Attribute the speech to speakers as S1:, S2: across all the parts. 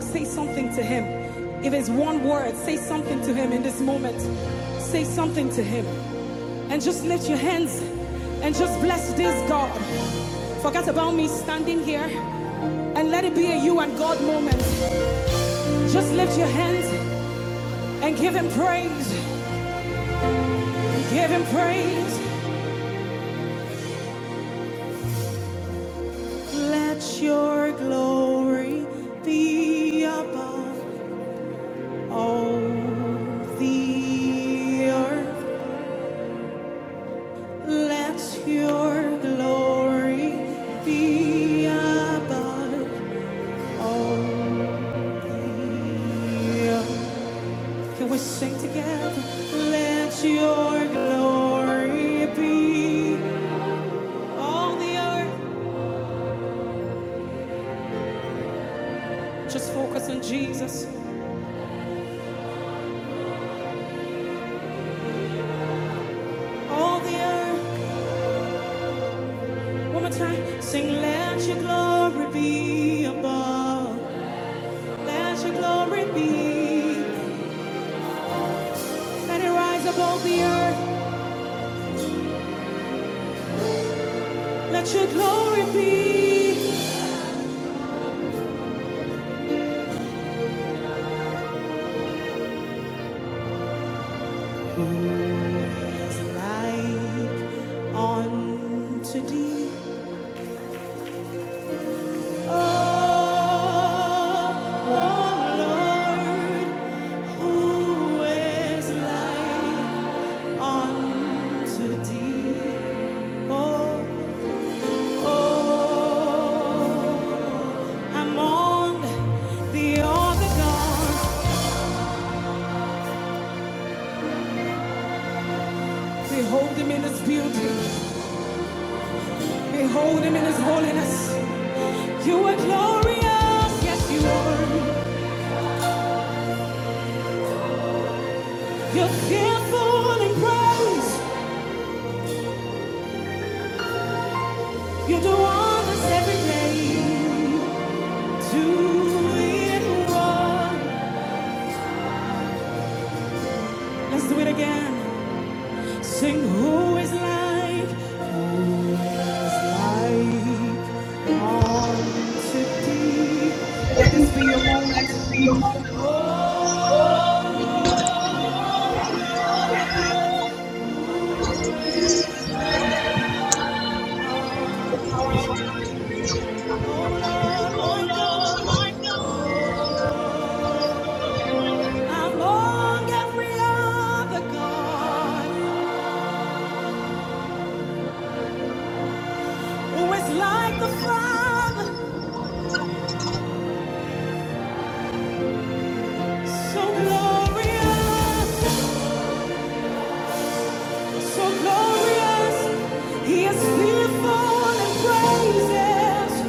S1: Say something to him. If it's one word, say something to him in this moment. Say something to him. And just lift your hands and just bless this God. Forget about me standing here and let it be a you and God moment. Just lift your hands and give him praise. Give him praise. Let your glory be above all the earth. Let your glory be above all Can we sing together? Let your glory be all the earth. Just focus on Jesus. All the earth. One more time. Sing, let your glory be above. Let your glory be. Let it rise above the earth. Let your glory be. There's light on thee. Oh, oh, Lord, who is like to thee? Oh, I'm on the altar, God. Behold him in his beauty. Behold him in his holiness. You are glorious. Yes, you are. You're fearful in praise. You do wonders every day. do it wrong. Let's do it again. Sing who is like, like unto thee. Let this be your moment. Oh Lord, my God, among every other God, who is like the Father, so glorious, so glorious. He is fearful and praises.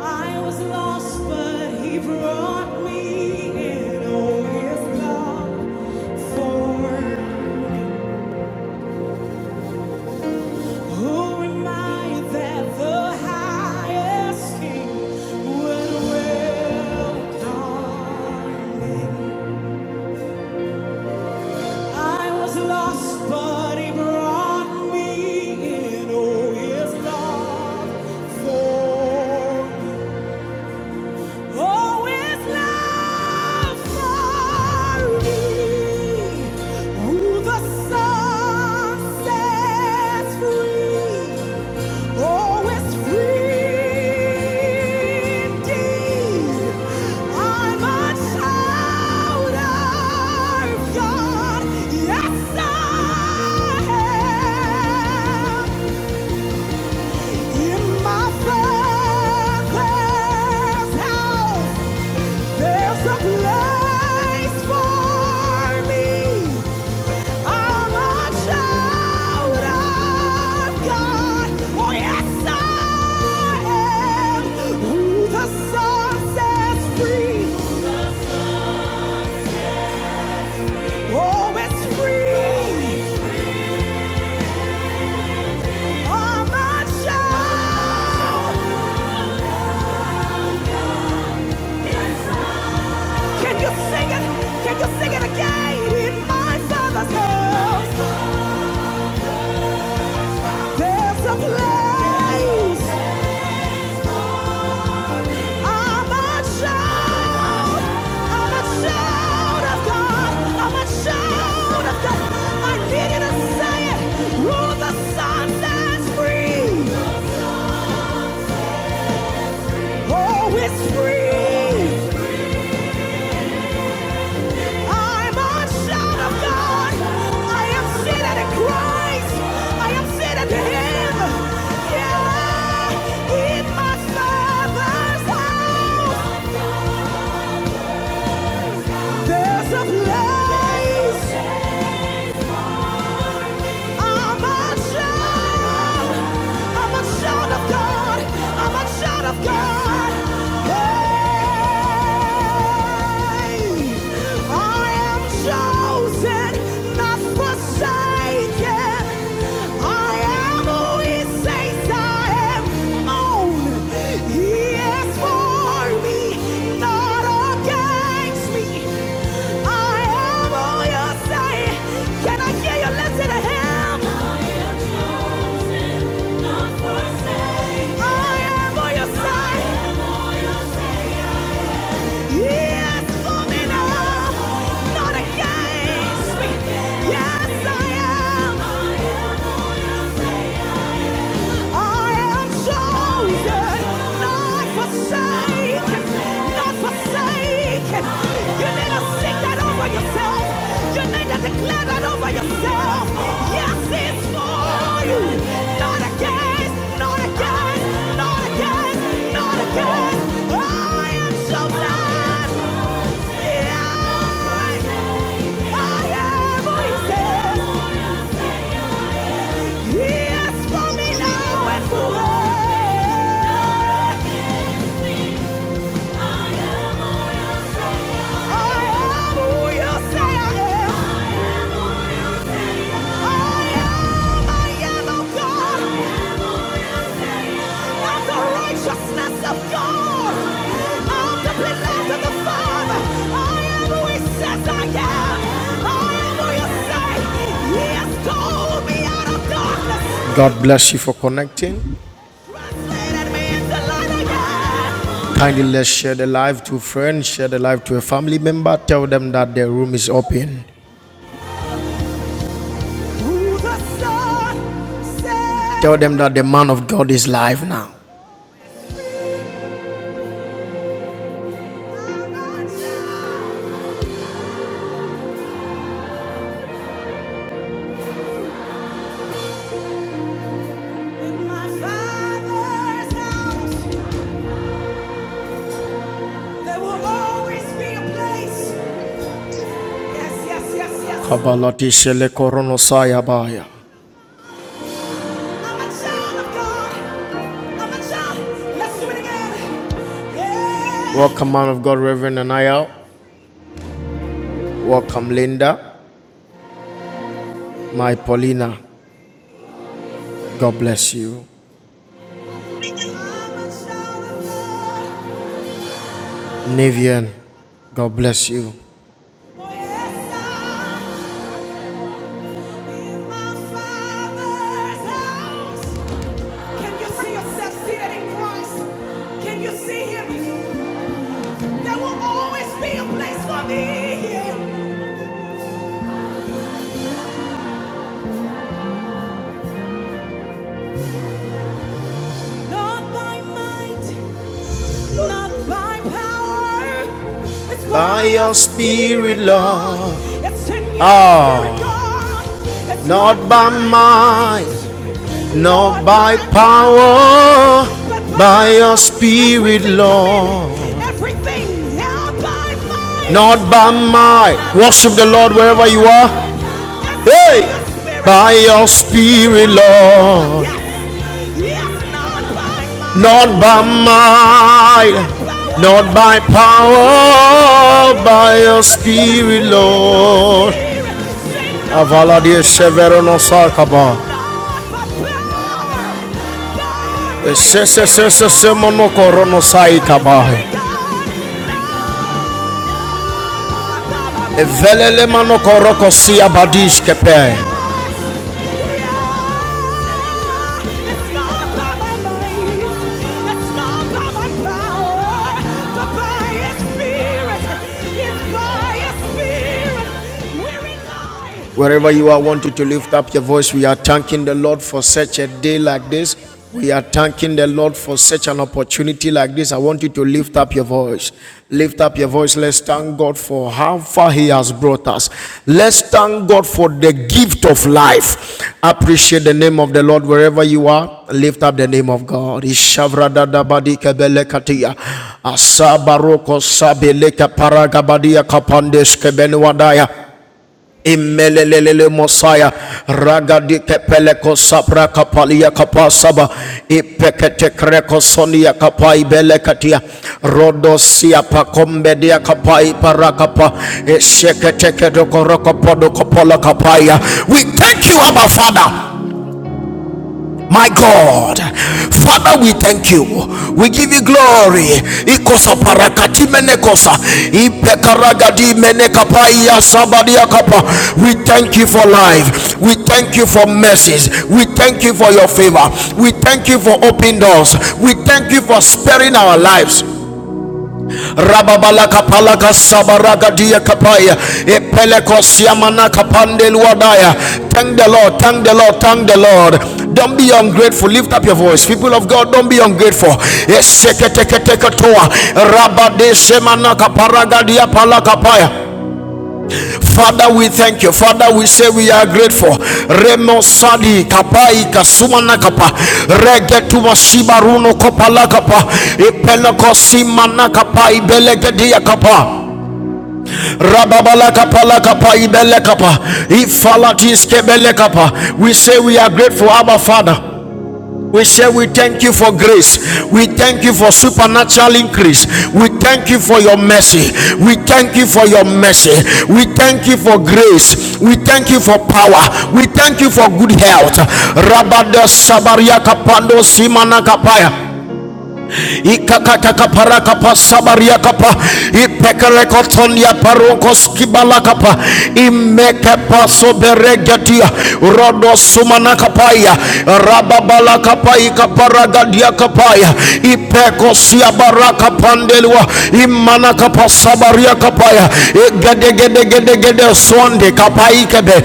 S1: I was lost, but he brought me in. Oh, his love for who am I that the highest king would welcome? I was lost, but he brought me in. Oh, his love for, oh, his love for me. Who the sun sets free Oh, it's free indeed. I'm a child of God. Yes, I am. In my father's house, there's a place for me. I'm a child of God. Oh, yes, I am. Who the Son sets free, oh, it's free. I'm a child. Can you sing it? Can you sing it again? In my Father's house, there's a place. I'm a child. I'm a child of God. I'm a child of God. I needed to say it. Rule the sun that's free. Oh, it's free. I'm a child of God. I am seated in Christ. I am seated in Him. Here in my Father's house, there's a place. I'm a child. I'm a child of God. I'm a child of God. Hey, I am chosen, not forsaken. I am who He says I am. Own. for me, not against me. I am who you say. Can I hear you listen to Him? I am who you say. He for me not against me. Yes, I am. I am chosen, not forsaken, not forsaken. You need to sing that over yourself. You need to declare that over yourself. Yes, it's for you. Not again, not again, not again, not again. I am chosen. Yeah. I am who he says Yes, for me now and forever. I am who you say I am. I am, I am of God. of the righteousness of God. i the beloved of the Father. I am who He says I am. I am who you say He has called me out of darkness. God bless you for connecting. Kindly let's share the live to friends, share the live to a family member, tell them that their room is open. Tell them that the man of God is live now. Yes, yes, yes, yes. Kabalati shele koronosaya baya. I'm a child of God. I'm a child. Let's do it again. Yeah. Welcome, man of God, Reverend Anaya. Welcome, Linda. My Paulina. God bless you. i God. Nivian. God bless you. Oh, yes, Can you see yourself seated in Christ? Can you see Him? There will always be a place for me Not by might, not by power. It's By your spirit, Lord. Lord. Ah, not by by might, not by power, by your spirit, Lord. Everything now by my Not by might. Worship the Lord wherever you are. Hey, by your spirit, Lord, not by might, not by power, by your spirit, Lord. Avaladia Severino Sarkaba. Sese Sese Semono Corono Saikaba. Evelele manoko roko siya kepe. Wherever you are, I want you to lift up your voice. We are thanking the Lord for such a day like this. We are thanking the Lord for such an opportunity like this. I want you to lift up your voice. Lift up your voice. Let's thank God for how far He has brought us. Let's thank God for the gift of life. Appreciate the name of the Lord wherever you are. Lift up the name of God. Ishavradadabadi Asabaroko sabeleka paragabadia kapandes kebenwadaya. Imelelelele Mosaya Ragadi Kepeleko Sapra Kapalia Kapasaba Ipekete Kreko Sonia Kapai Belekatia Rodosia Pakombedia Kapai Parakapa Eshekete Kedoko Rokopodo Kopola Kapaya We thank you Abba Father my God, Father, we thank you. We give you glory. Ikosa parakati menekosa. Ipekaragadi menekapaya sabadia kapa. We thank you for life. We thank you for mercies. We thank you for your favor. We thank you for open doors. We thank you for sparing our lives rababala kapala sabaraga dia kapaya epeleko siamana kapande luadaya thank the lord thank the lord thank the lord don't be ungrateful. Lift up your voice, people of God. Don't be ungrateful. Eseketeketeke toa. Rabadeshemana kaparaga dia palakapaya. Father, we thank you. Father, we say we are grateful. Remo sadi kapai kasumana kapa regetu mashiba runo kopala kapa ipenakosi mana kapa ibelegedia kapa rababala kapala kapa ibele kapa ifalatis kebele kapa. We say we are grateful, Abba Father. We say we thank you for grace. We thank you for supernatural increase. We thank you for your mercy. We thank you for your mercy. We thank you for grace. We thank you for power. We thank you for good health. Rabada sabaria kapando simana kapaya ikakatakapa sabaria kapa ipekerekotonia parokoskibalakapa imekepasoberegetia rodosumanakapaya rababalakapa ikaparagadia kapaya ipekosiabarakapandelwa imanakapa sabaria kapaya igedegedegedegede sonde kapa ikebe.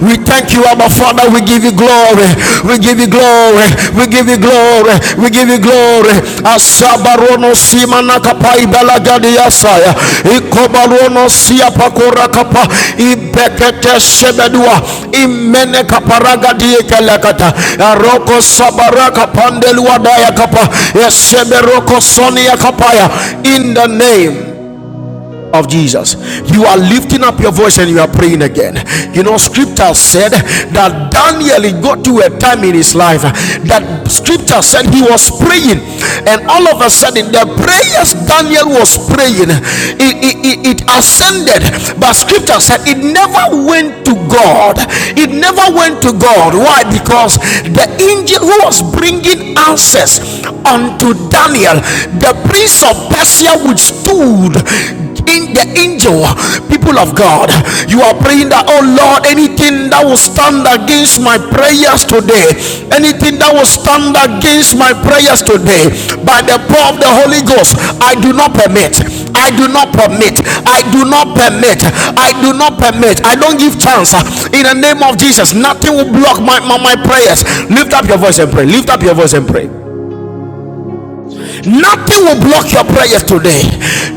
S1: We thank you, our Father. We give you glory. We give you glory. We give you glory. We give you glory. Asabarono simana kapai ibala gadi yasaya. Ikobarono sia pakora kapa ibekete shebedua imene kaparaga diye kelekata. Aroko sabaraka pandelua daya kapa. Eseberoko sonia kapaya. In the name of Jesus. You are lifting up your voice and you are praying again. You know, scripture said that Daniel got to a time in his life that scripture said he was praying, and all of a sudden, the prayers Daniel was praying it, it, it, it ascended, but scripture said it never went to God, it never went to God. Why? Because the angel who was bringing answers unto Daniel, the prince of Persia withstood in the angel people of God you are praying that oh Lord anything that will stand against my prayers today anything that will stand against my prayers today by the power of the Holy Ghost I do not permit I do not permit I do not permit I do not permit I don't give chance in the name of Jesus nothing will block my, my, my prayers lift up your voice and pray lift up your voice and pray Nothing will block your prayers today.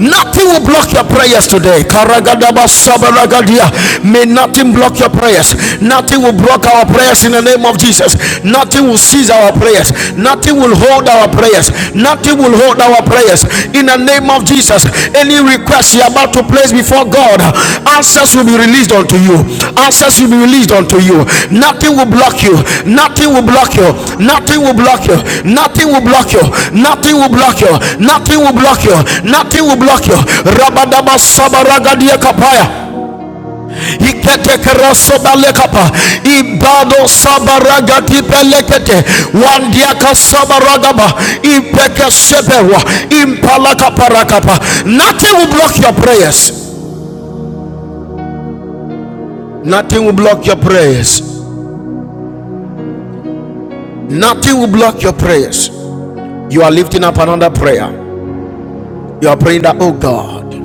S1: Nothing will block your prayers today. Karagadaba sabaragadia. May nothing block your prayers. Nothing will block our prayers in the name of Jesus. Nothing will seize our prayers. Nothing will hold our prayers. Nothing will hold our prayers in the name of Jesus any request you're about to place before God, answers will be released unto you. Answers will be released unto you. Nothing will block you. Nothing will block you. Nothing will block you. Nothing will block you. Nothing will block you. Nothing will block you. Nothing will block you. Rabadaba sabaraga dia kapaya iketekerosobelekapa ibado sabaragatipelekete wandiaka sabaragaba ipekesebewa parakapa nothing will block your prayers nothing will block your prayers nothing will block your prayers you are lifting up another prayer you are praying that oh god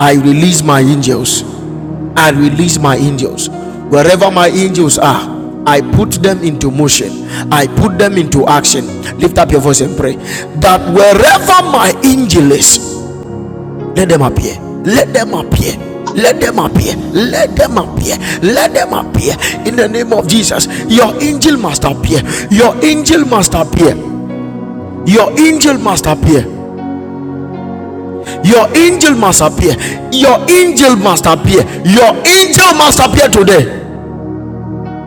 S1: i release my angels I release my angels. Wherever my angels are, I put them into motion. I put them into action. Lift up your voice and pray that wherever my angel is, let them appear. Let them appear. Let them appear. Let them appear. Let them appear. In the name of Jesus, your angel must appear. Your angel must appear. Your angel must appear. Your angel must appear. Your angel must appear. Your angel must appear today.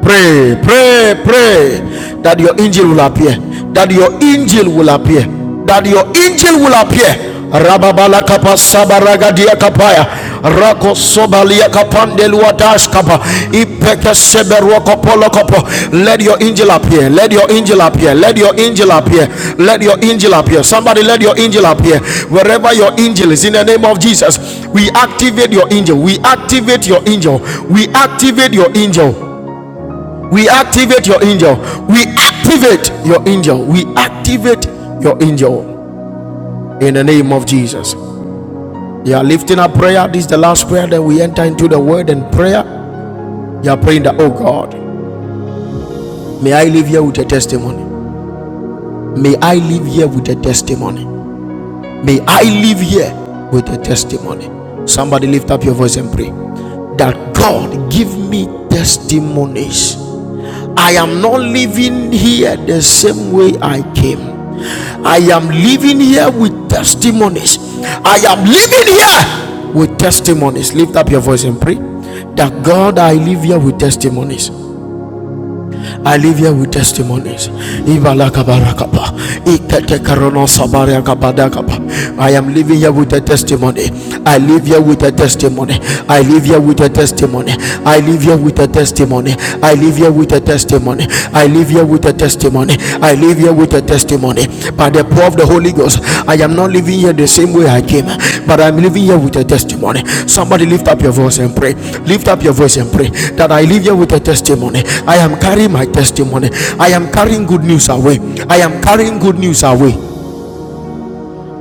S1: Pray, pray, pray that your angel will appear. That your angel will appear. That your angel will appear. Rababala kapa sabaraga dia kapaya. Rako sobalia kapande luatash kapa. Ipeke seberwa kopolo kopo. Let your angel appear. Let your angel appear. Let your angel appear. Let your angel appear. Somebody let your angel appear. Wherever your angel is, in the name of Jesus, we activate your angel. We activate your angel. We activate your angel we activate your angel. We activate your angel. We activate your angel in the name of Jesus. You are lifting up prayer. This is the last prayer that we enter into the word and prayer. You are praying that, oh God, may I live here with a testimony. May I live here with a testimony. May I live here with a testimony. Somebody lift up your voice and pray that God give me testimonies I am not living here the same way I came. I am living here with testimonies. I am living here with testimonies. Lift up your voice and pray that God, I live here with testimonies. I live here with testimonies. Ibalakabarakapa. Iketekeronosabariakabadakapa. I am living here with a testimony. I live here with a testimony. I live here with a testimony. I live here with a testimony. I live here with a testimony. I live here with a testimony. I leave here with a testimony by the power of the Holy Ghost. I am not living here the same way I came, but I'm living here with a testimony. Somebody lift up your voice and pray. Lift up your voice and pray that I leave here with a testimony. I am carrying my testimony. I am carrying good news away. I am carrying good news away.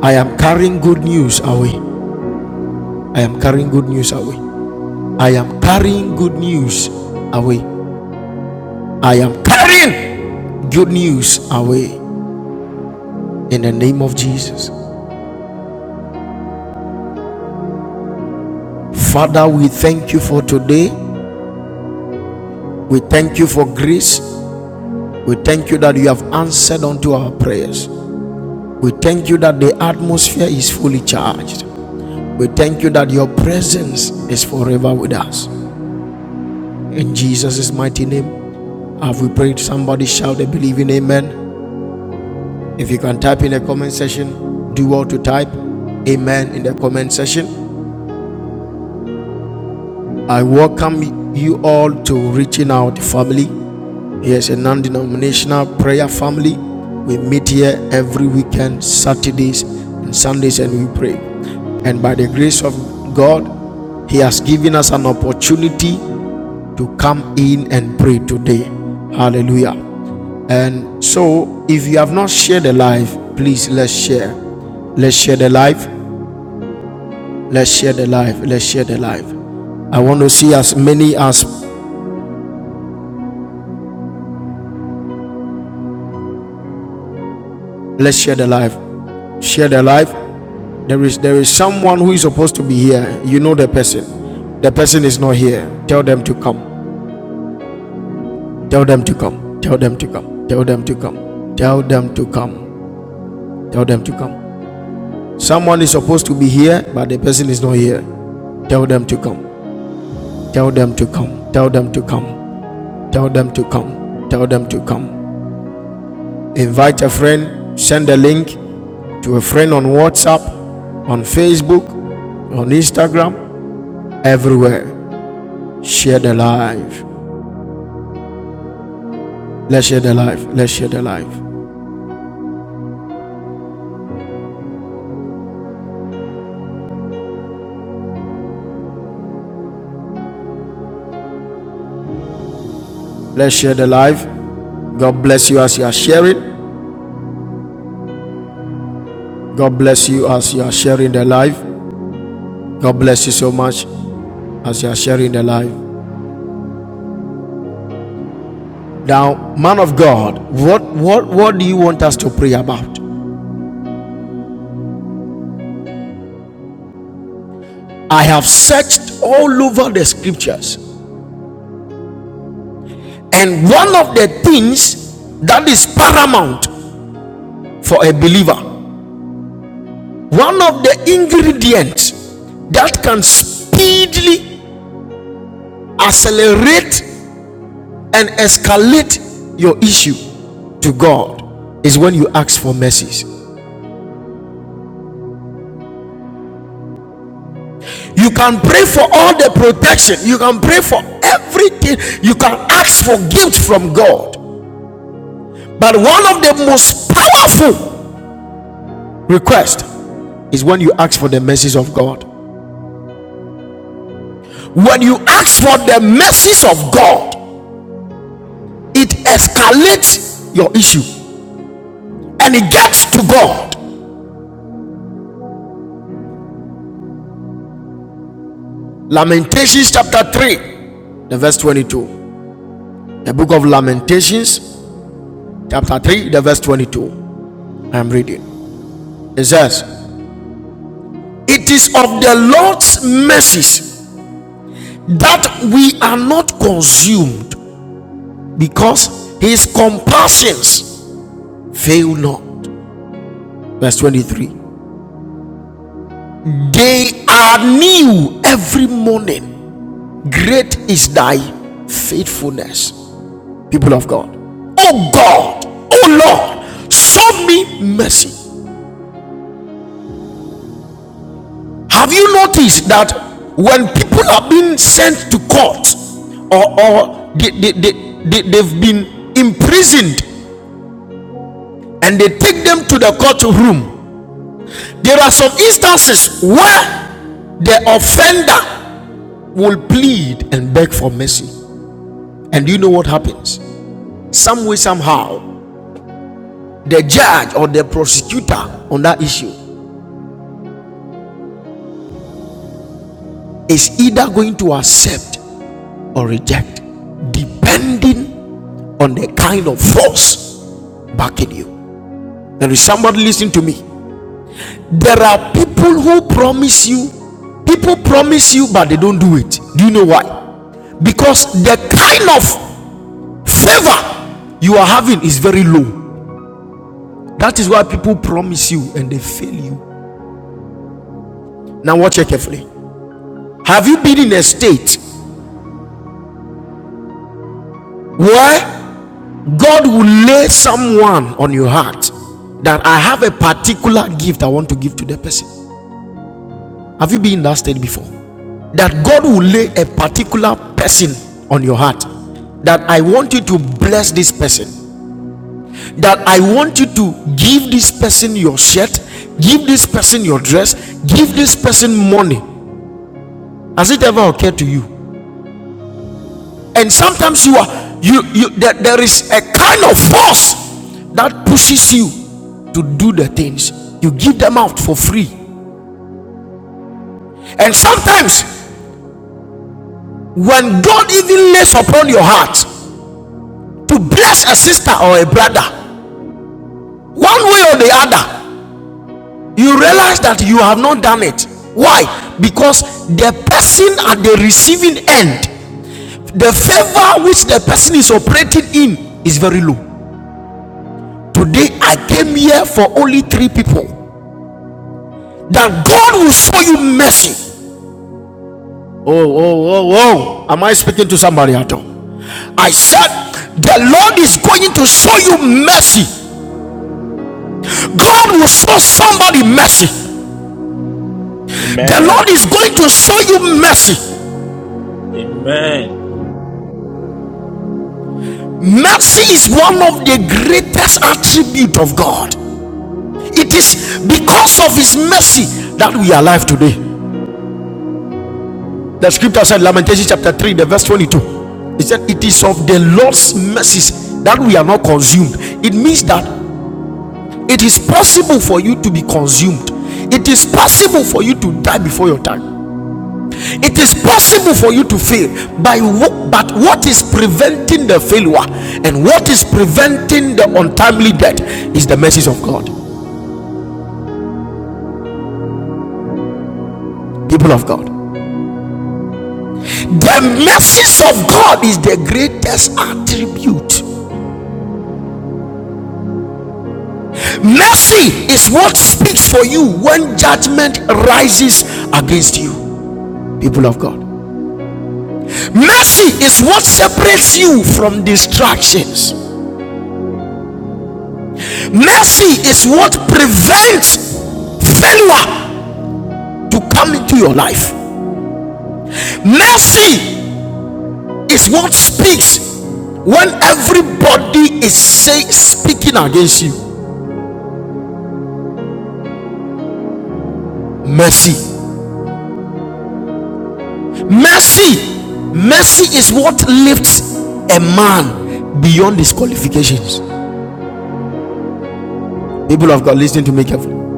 S1: I am carrying good news away. I am carrying good news away. I am carrying good news away. I am carrying good news away in the name of Jesus. Father, we thank you for today. We thank you for grace. We thank you that you have answered unto our prayers. We thank you that the atmosphere is fully charged. We thank you that your presence is forever with us. In Jesus' mighty name, have we prayed? Somebody shout a believing amen. If you can type in the comment section, do all to type amen in the comment section. I welcome you all to Reaching Out Family. Here's a non denominational prayer family. We meet here every weekend, Saturdays and Sundays, and we pray. And by the grace of God, He has given us an opportunity to come in and pray today. Hallelujah. And so, if you have not shared the life, please let's share. Let's share the life. Let's share the life. Let's share the life. I want to see as many as let's share the life. Share the life There is there is someone who is supposed to be here. You know the person. The person is not here. Tell them to come. Tell them to come. Tell them to come. Tell them to come. Tell them to come. Tell them to come. Someone is supposed to be here, but the person is not here. Tell them to come. Tell them to come. Tell them to come. Tell them to come. Tell them to come. Invite a friend. Send a link to a friend on WhatsApp, on Facebook, on Instagram, everywhere. Share the live. Let's share the life. Let's share the life. Let's share the life. God bless you as you are sharing. God bless you as you are sharing the life. God bless you so much as you are sharing the life. Now, man of God, what what what do you want us to pray about? I have searched all over the scriptures, and one of the things that is paramount for a believer, one of the ingredients that can speedily accelerate and escalate your issue to God is when you ask for mercies. You can pray for all the protection, you can pray for everything, you can ask for gift from God. But one of the most powerful requests is when you ask for the mercies of God. When you ask for the mercies of God, it escalates your issue and it gets to God. Lamentations chapter 3, the verse 22. The book of Lamentations chapter 3, the verse 22. I'm reading. It says, It is of the Lord's mercies that we are not consumed because his compassions fail not. Verse 23. They are new every morning. Great is thy faithfulness, people of God. Oh God, oh Lord, show me mercy Have you noticed that when people are being sent to court or, or they, they, they, they, they've been imprisoned and they take them to the courtroom, there are some instances where the offender will plead and beg for mercy. And you know what happens? Some way, somehow, the judge or the prosecutor on that issue is either going to accept or reject, depending on the kind of force backing you. There is somebody listening to me. There are people who promise you, people promise you, but they don't do it. Do you know why? Because the kind of favor you are having is very low. That is why people promise you and they fail you. Now, watch it carefully. Have you been in a state where God will lay someone on your heart that I have a particular gift I want to give to the person? Have you been in that state before? that God will lay a particular person on your heart. That I want you to bless this person. That I want you to give this person your shirt, give this person your dress, give this person money. Has it ever occurred to you? And sometimes you are you you that there, there is a kind of force that pushes you to do the things. You give them out for free. And sometimes when God even lays upon your heart to bless a sister or a brother, One way or the other, you realize that you have not done it. Why? Because the person at the receiving end, the favor which the person is operating in is very low. Today, I came here for only three people that God will show you mercy. Oh, oh, oh, oh. Am I speaking to somebody at all? I said, The Lord is going to show you mercy. God will show somebody mercy. The
S2: Amen.
S1: Lord is going to show you mercy.
S2: Amen.
S1: Mercy is one of the greatest attribute of God. It is because of His mercy that we are alive today. The scripture said, Lamentations chapter 3, the verse 22. It said, It is of the Lord's mercies that we are not consumed. It means that it is possible for you to be consumed, it is possible for you to die before your time. It is possible for you to fail by wh- but what is preventing the failure and what is preventing the untimely death is the mercies of God. People of God, the mercies of God is the greatest attribute. Mercy is what speaks for you when judgment rises against you. People of God, mercy is what separates you from distractions. Mercy is what prevents failure to come into your life. Mercy is what speaks when everybody is say, speaking against you. Mercy, mercy, mercy is what lifts a man beyond his qualifications. People of God, listen to me carefully.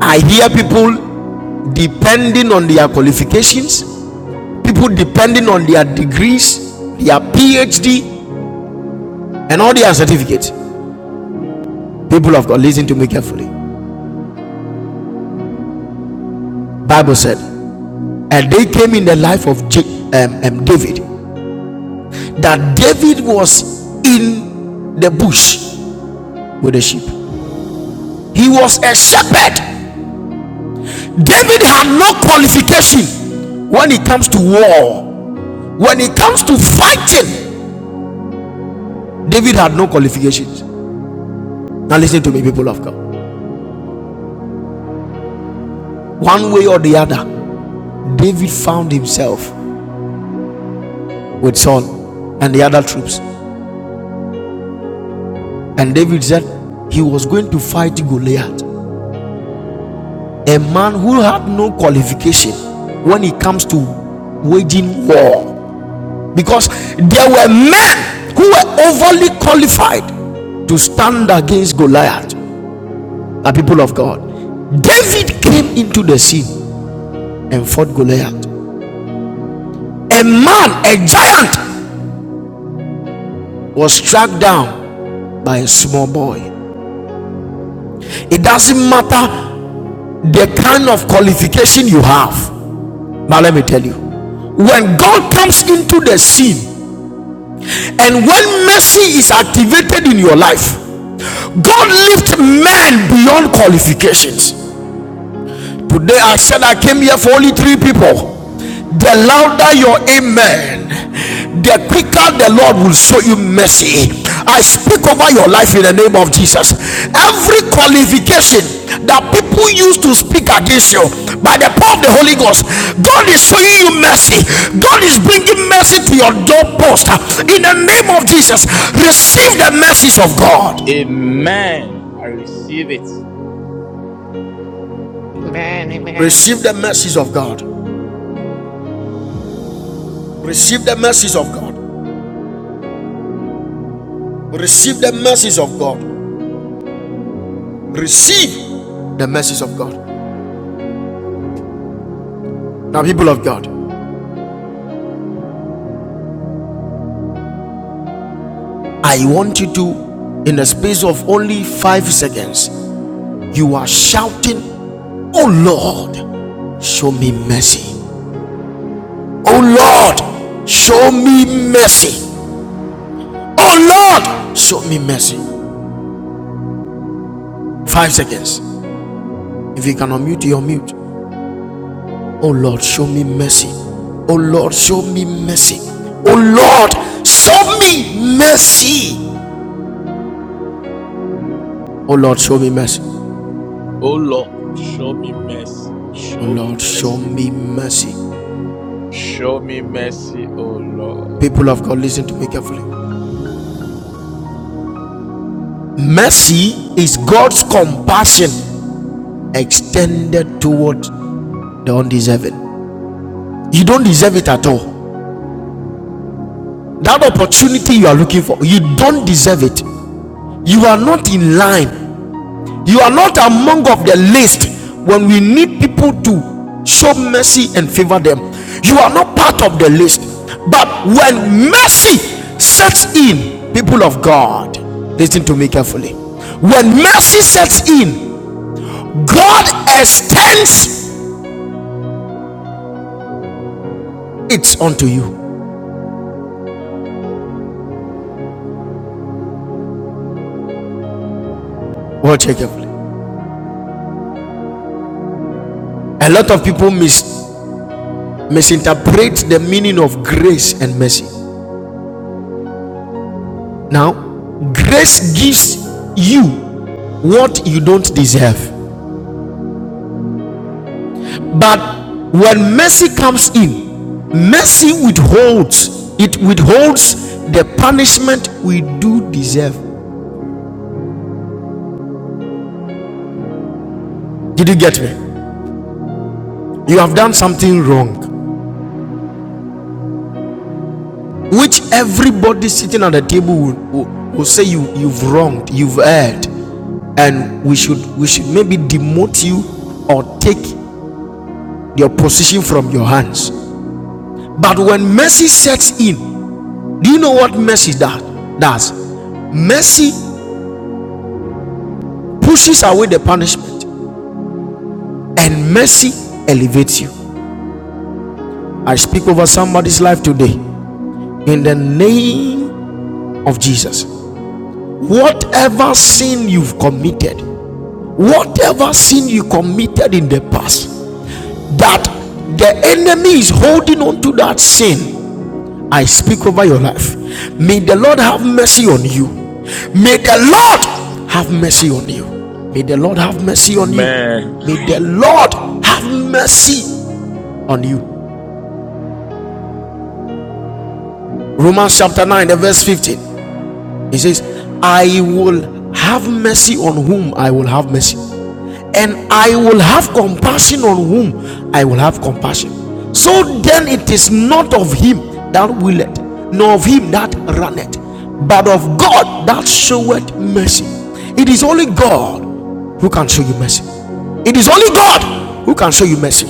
S1: I hear people depending on their qualifications, people depending on their degrees, their PhD, and all their certificates. People of God, listen to me carefully. Bible said, and they came in the life of Ja- um, um, David. That David was in the bush with the sheep. He was a shepherd. David had no qualification when it comes to war. When it comes to fighting, David had no qualifications. Now listen to me, people of God. One way or the other, David found himself with Saul and the other troops. And David said he was going to fight Goliath. a man who had no qualification when it comes to waging war because there were men who were overly qualified to stand against Goliath, the people of God. David came into the scene and fought Goliath. A man, a giant, was struck down by a small boy. It doesn't matter the kind of qualification you have, but let me tell you, when God comes into the scene, And when mercy is activated in your life, God lifts men beyond qualifications. Today I said I came here for only three people. The louder your amen, the quicker the Lord will show you mercy. I speak over your life in the name of Jesus. Every qualification that people use to speak against you by the power of the Holy Ghost, God is showing you mercy. God is bringing mercy to your doorpost. In the name of Jesus, receive the mercies of God.
S2: Amen. I receive it.
S3: Amen. Amen.
S1: Receive the mercies of God. Receive the mercies of God. Receive the mercies of God. Receive the mercies of God. Now, people of God, I want you to, in the space of only five seconds, you are shouting, Oh Lord, show me mercy. Oh Lord, show me mercy. Oh Lord, show me mercy. Five seconds. If you can unmute, you unmute. Oh Lord, show me mercy. Oh Lord, show me mercy. Oh Lord, show me mercy. Oh Lord, show me mercy.
S2: Oh Lord, show me mercy.
S1: Oh
S2: Show me
S1: Lord, show
S2: mercy,
S1: me
S2: oh Lord.
S1: mercy.
S2: Show me mercy, oh Lord.
S1: People of God, listen to me carefully. Mercy is God's compassion extended toward the undeserving. You don't deserve it at all. That opportunity you are looking for, you don't deserve it. You are not in line You are not among of the list when we need people to show mercy and favor them. You are not part of the list. But when mercy sets in, people of God, listen to me carefully. When mercy sets in, God extends it unto you. Watch carefully. A lot of people mis- misinterpret the meaning of grace and mercy. Now, grace gives you what you don't deserve But when mercy comes in, mercy withholds, it withholds the punishment we do deserve. Did you get me? You have done something wrong, which everybody sitting at the table will, will, will say you, you've wronged, you've erred, and we should we should maybe demote you or take your position from your hands. But when mercy sets in, do you know what mercy does? Does mercy pushes away the punishment? and mercy elevates you. I speak over somebody's life today in the name of Jesus. Whatever sin you've committed, whatever sin you committed in the past, that the enemy is holding on to that sin, I speak over your life. May the Lord have mercy on you. May the Lord have mercy on you. May the Lord have mercy on you.
S2: Amen.
S1: May the Lord have mercy on you. Romans chapter 9, verse 15. He says, I will have mercy on whom I will have mercy, and I will have compassion on whom I will have compassion. So then it is not of him that willeth, nor of him that runneth, but of God that showeth mercy. It is only God who can show you mercy. It is only God who can show you mercy.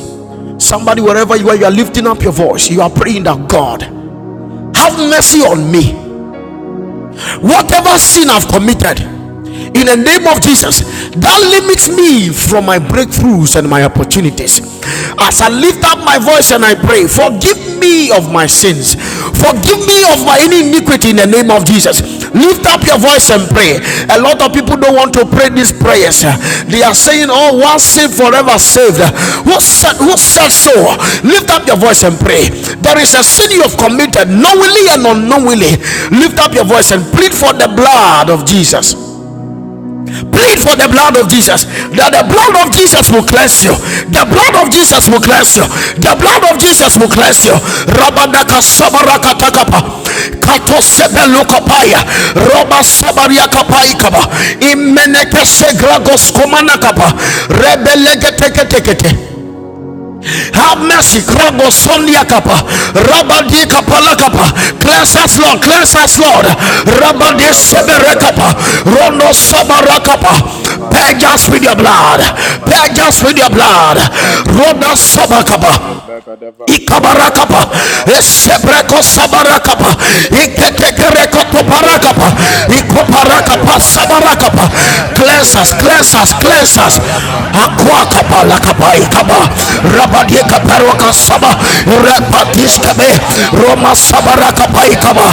S1: Somebody, wherever you are, you are lifting up your voice. You are praying that God, have mercy on me whatever sin I've committed in the name of Jesus that limits me from my breakthroughs and my opportunities. As I lift up my voice and I pray, forgive me of my sins, forgive me of my any iniquity in the name of Jesus. Lift up your voice prayers and pray. A lot of people don't want to pray these prayers. They are saying, Oh, once saved, forever saved. Who said, who said so? Lift up your voice and pray. There is a sin you have committed knowingly and unknowingly. Lift up your voice and plead for the blood of Jesus. Plead for the blood of Jesus. That the blood of Jesus will cleanse you. The blood of Jesus will cleanse you. The blood of Jesus will cleanse you. Rabadaka sabaraka takapa. Roba sabaria kapai kaba. Imeneke segragos have mercy. Krogo Sonia Kappa. Rabadi Kapala Kappa. Cleanse us, Lord. Cleanse us, Lord. Rabadi
S2: Kalabada
S1: Sebere
S2: brasha
S1: Rondo
S2: develegadeve.
S1: Sabara Kappa. Purge us
S2: Lipalavada
S1: with your
S2: braku
S1: blood.
S2: madavada
S1: Purge us with your
S2: shadeve.
S1: blood. Rondo
S2: Kalibelegadeva
S1: Sabakapa
S2: shadebregadeva.
S1: ikabarakapa
S2: Father, have mercy
S1: esebreko
S2: upon us. Have
S1: sabarakapa
S2: mercy upon us.
S1: iketekereko
S2: In the name
S1: tobarakapa
S2: of Jesus, have mercy
S1: ikobarakapa
S2: upon us, O God.
S1: sabarakapa
S2: In the
S1: cleanse us
S2: name of
S1: cleanse
S2: Jesus.
S1: us cleanse us
S2: Kalabra kombala bada
S1: akwakapa lakapa
S2: shadebe.
S1: ikaba
S2: Leka pada bada
S1: rabadiekaperwaka
S2: bada ba.
S1: saba
S2: Hopada
S1: repatiskebe
S2: bada breka
S1: roma
S2: bada bada.
S1: sabarakapa ikaba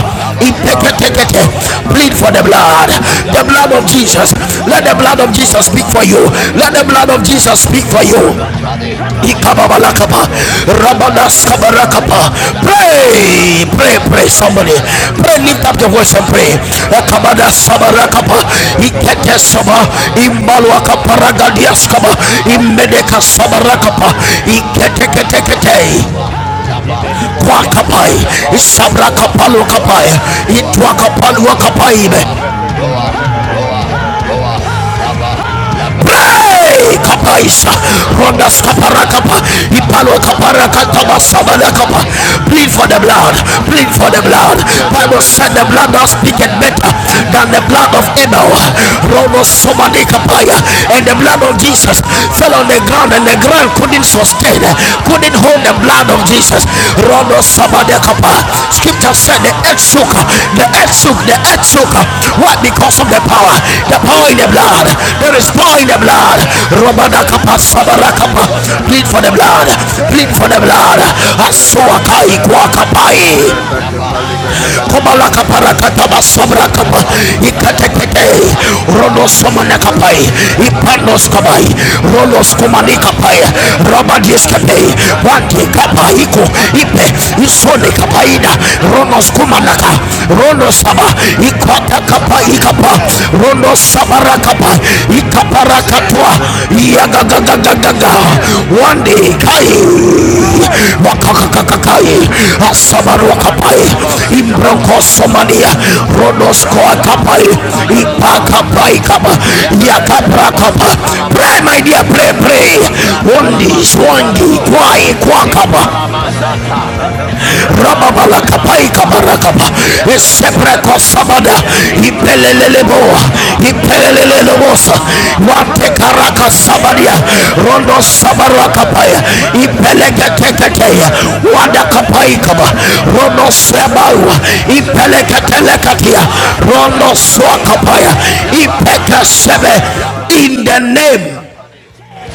S2: Have mercy
S1: iteketekete
S2: upon us,
S1: plead
S2: O
S1: for the
S2: God.
S1: blood the
S2: Have
S1: blood of
S2: mercy,
S1: jesus
S2: have mercy,
S1: let the
S2: have
S1: blood of
S2: mercy
S1: jesus
S2: upon
S1: speak
S2: us.
S1: for you
S2: In
S1: let the
S2: the
S1: blood
S2: name
S1: of
S2: of Jesus.
S1: jesus speak for you
S2: Ala brakoma lavada
S1: Ikababalakapa,
S2: shadebre. Lika pala lavado
S1: Rabanaskabarakapa.
S2: shadebre koma lavadaba.
S1: Pray, pray, pray,
S2: Lika
S1: somebody.
S2: panta para
S1: Pray, lift up your
S2: shadebre.
S1: voice and pray.
S2: Lika para
S1: Ekabada
S2: vadaba shadebre.
S1: Sabarakapa,
S2: Rekete
S1: Ikete
S2: pelege
S1: Saba,
S2: debelege debelege
S1: Imbalwaka
S2: dabalokuma lava.
S1: Paragadiaskaba,
S2: Have
S1: Imedeka
S2: mercy, have mercy,
S1: Sabarakapa,
S2: O Lord. Have mercy,
S1: Iketekete,
S2: O God, in the name of Jesus,
S1: Kwakapai,
S2: by the power of the Holy Ghost.
S1: Isabrakapalwakapai,
S2: Kalabrakova lavada shadevre,
S1: Itwakapaluakapai.
S2: erekete palagada valigada papalaba,
S1: break
S2: paparabada
S1: kapaisa
S2: shadevre
S1: rondas
S2: gadevelegada pa,
S1: kaparakapa ipalo
S2: zedebre
S1: kaparakataba
S2: kumbalavada
S1: savalakapa
S2: valavalaba,
S1: plead for the blood plead for the blood bible said the
S2: zedevelevele
S1: blood does
S2: balavado
S1: speak it better
S2: shadevra,
S1: than the blood of
S2: adi
S1: Abel
S2: valegadevra
S1: ronos
S2: kumbalavada
S1: somani
S2: shadevre,
S1: kapaya and the blood of
S2: rekete pe
S1: Jesus fell
S2: rabado
S1: on the ground
S2: shadevre,
S1: and the ground couldn't sustain it couldn't hold the blood of Jesus. Rodo Sabadekapa. Scripture said the earth shook, the earth shook, the earth shook. Why? Because of the power, the power in the
S2: lita
S1: blood. There is power
S2: palavalavra
S1: in the blood.
S2: shadevre,
S1: Robadakapa
S2: Likapanda baligede
S1: Sabarakapa.
S2: bele
S1: Bleed for
S2: bado
S1: the blood.
S2: shadabra.
S1: Bleed for the
S2: Ayandi
S1: blood.
S2: bele bele bado
S1: Asuakai
S2: shadabra.
S1: Kwakapai.
S2: Rakata palika devele
S1: Kobala
S2: kubala
S1: kapara
S2: bala kandaba.
S1: kataba kobalakaparakataba sabrakapa
S2: Likapanta
S1: ikatekete
S2: paraksa devre.
S1: rodo somane
S2: Zadevra
S1: kapai
S2: kali vele gada vale
S1: ipanos
S2: kamba.
S1: kapai rolos
S2: Ikumana
S1: kumani
S2: bada ala
S1: kapai
S2: vado sedevre.
S1: Rabadies ipandoskabai
S2: Rapanti
S1: roloskumanikapai
S2: pale gada
S1: kapa
S2: vale
S1: iko
S2: kubala
S1: ipe
S2: gada pa.
S1: isone
S2: Ayandi vele
S1: kapaida
S2: gada vele
S1: ronos
S2: kodo
S1: kumanaka
S2: maskadabra.
S1: Rono saba.
S2: Rapala vele gada
S1: rondosaba
S2: pa.
S1: kapa
S2: Rakadi
S1: ikapa
S2: vele.
S1: Rono
S2: Likampola
S1: sabara
S2: bala
S1: kapa
S2: vado sedevre.
S1: ikapa parakatwa
S2: Zadevre kede panda vale gada ve.
S1: yagagagagagaga
S2: Lika
S1: one
S2: palagala
S1: day kai
S2: valegada valegada ba. Makom palabado
S1: wakakakakai
S2: shedeve gadeve.
S1: asabaruakapai
S2: Zadi valegada ba. Sanda
S1: imbrokosomalia
S2: valegada ba. Shade
S1: rodoskoakapai
S2: valegada brako valabada ba.
S1: ipakapai kama
S2: Mandale veliko
S1: yakaprakapa
S2: balaba.
S1: pray
S2: Sadebre.
S1: my dear pray pray
S2: Rekatapa
S1: one
S2: rasadeve.
S1: day one
S2: Lika
S1: day kwai
S2: malabaliko valabada
S1: kwakaba
S2: sadebra. Zada brakali
S1: rababala
S2: valegada ba.
S1: kapai
S2: Zadi
S1: kabarakaba
S2: valegada valego
S1: esepreko
S2: balaba.
S1: sabada
S2: Sabala valegada ba.
S1: ipeleleleboa
S2: Kapala
S1: ipelelelebosa
S2: balaba, kadebra Zandi
S1: watekaraka sabadia
S2: zande baluko
S1: rondo
S2: malaba, konla bali
S1: sabarakapaya
S2: kadebe de kadebe,
S1: ipeleketeketeya
S2: kala kadebra kodobo lobo
S1: wadakapaikaba
S2: sadebra,
S1: rondo
S2: rekete
S1: sebaua
S2: prando kodo sadebe le kadebe,
S1: ipeleketelekatia
S2: rakatapa
S1: rondo
S2: lika balo balo
S1: swakapaya
S2: bo sadebra, rakum
S1: ipekesebe
S2: bala kadaba do
S1: in the
S2: sadebe,
S1: name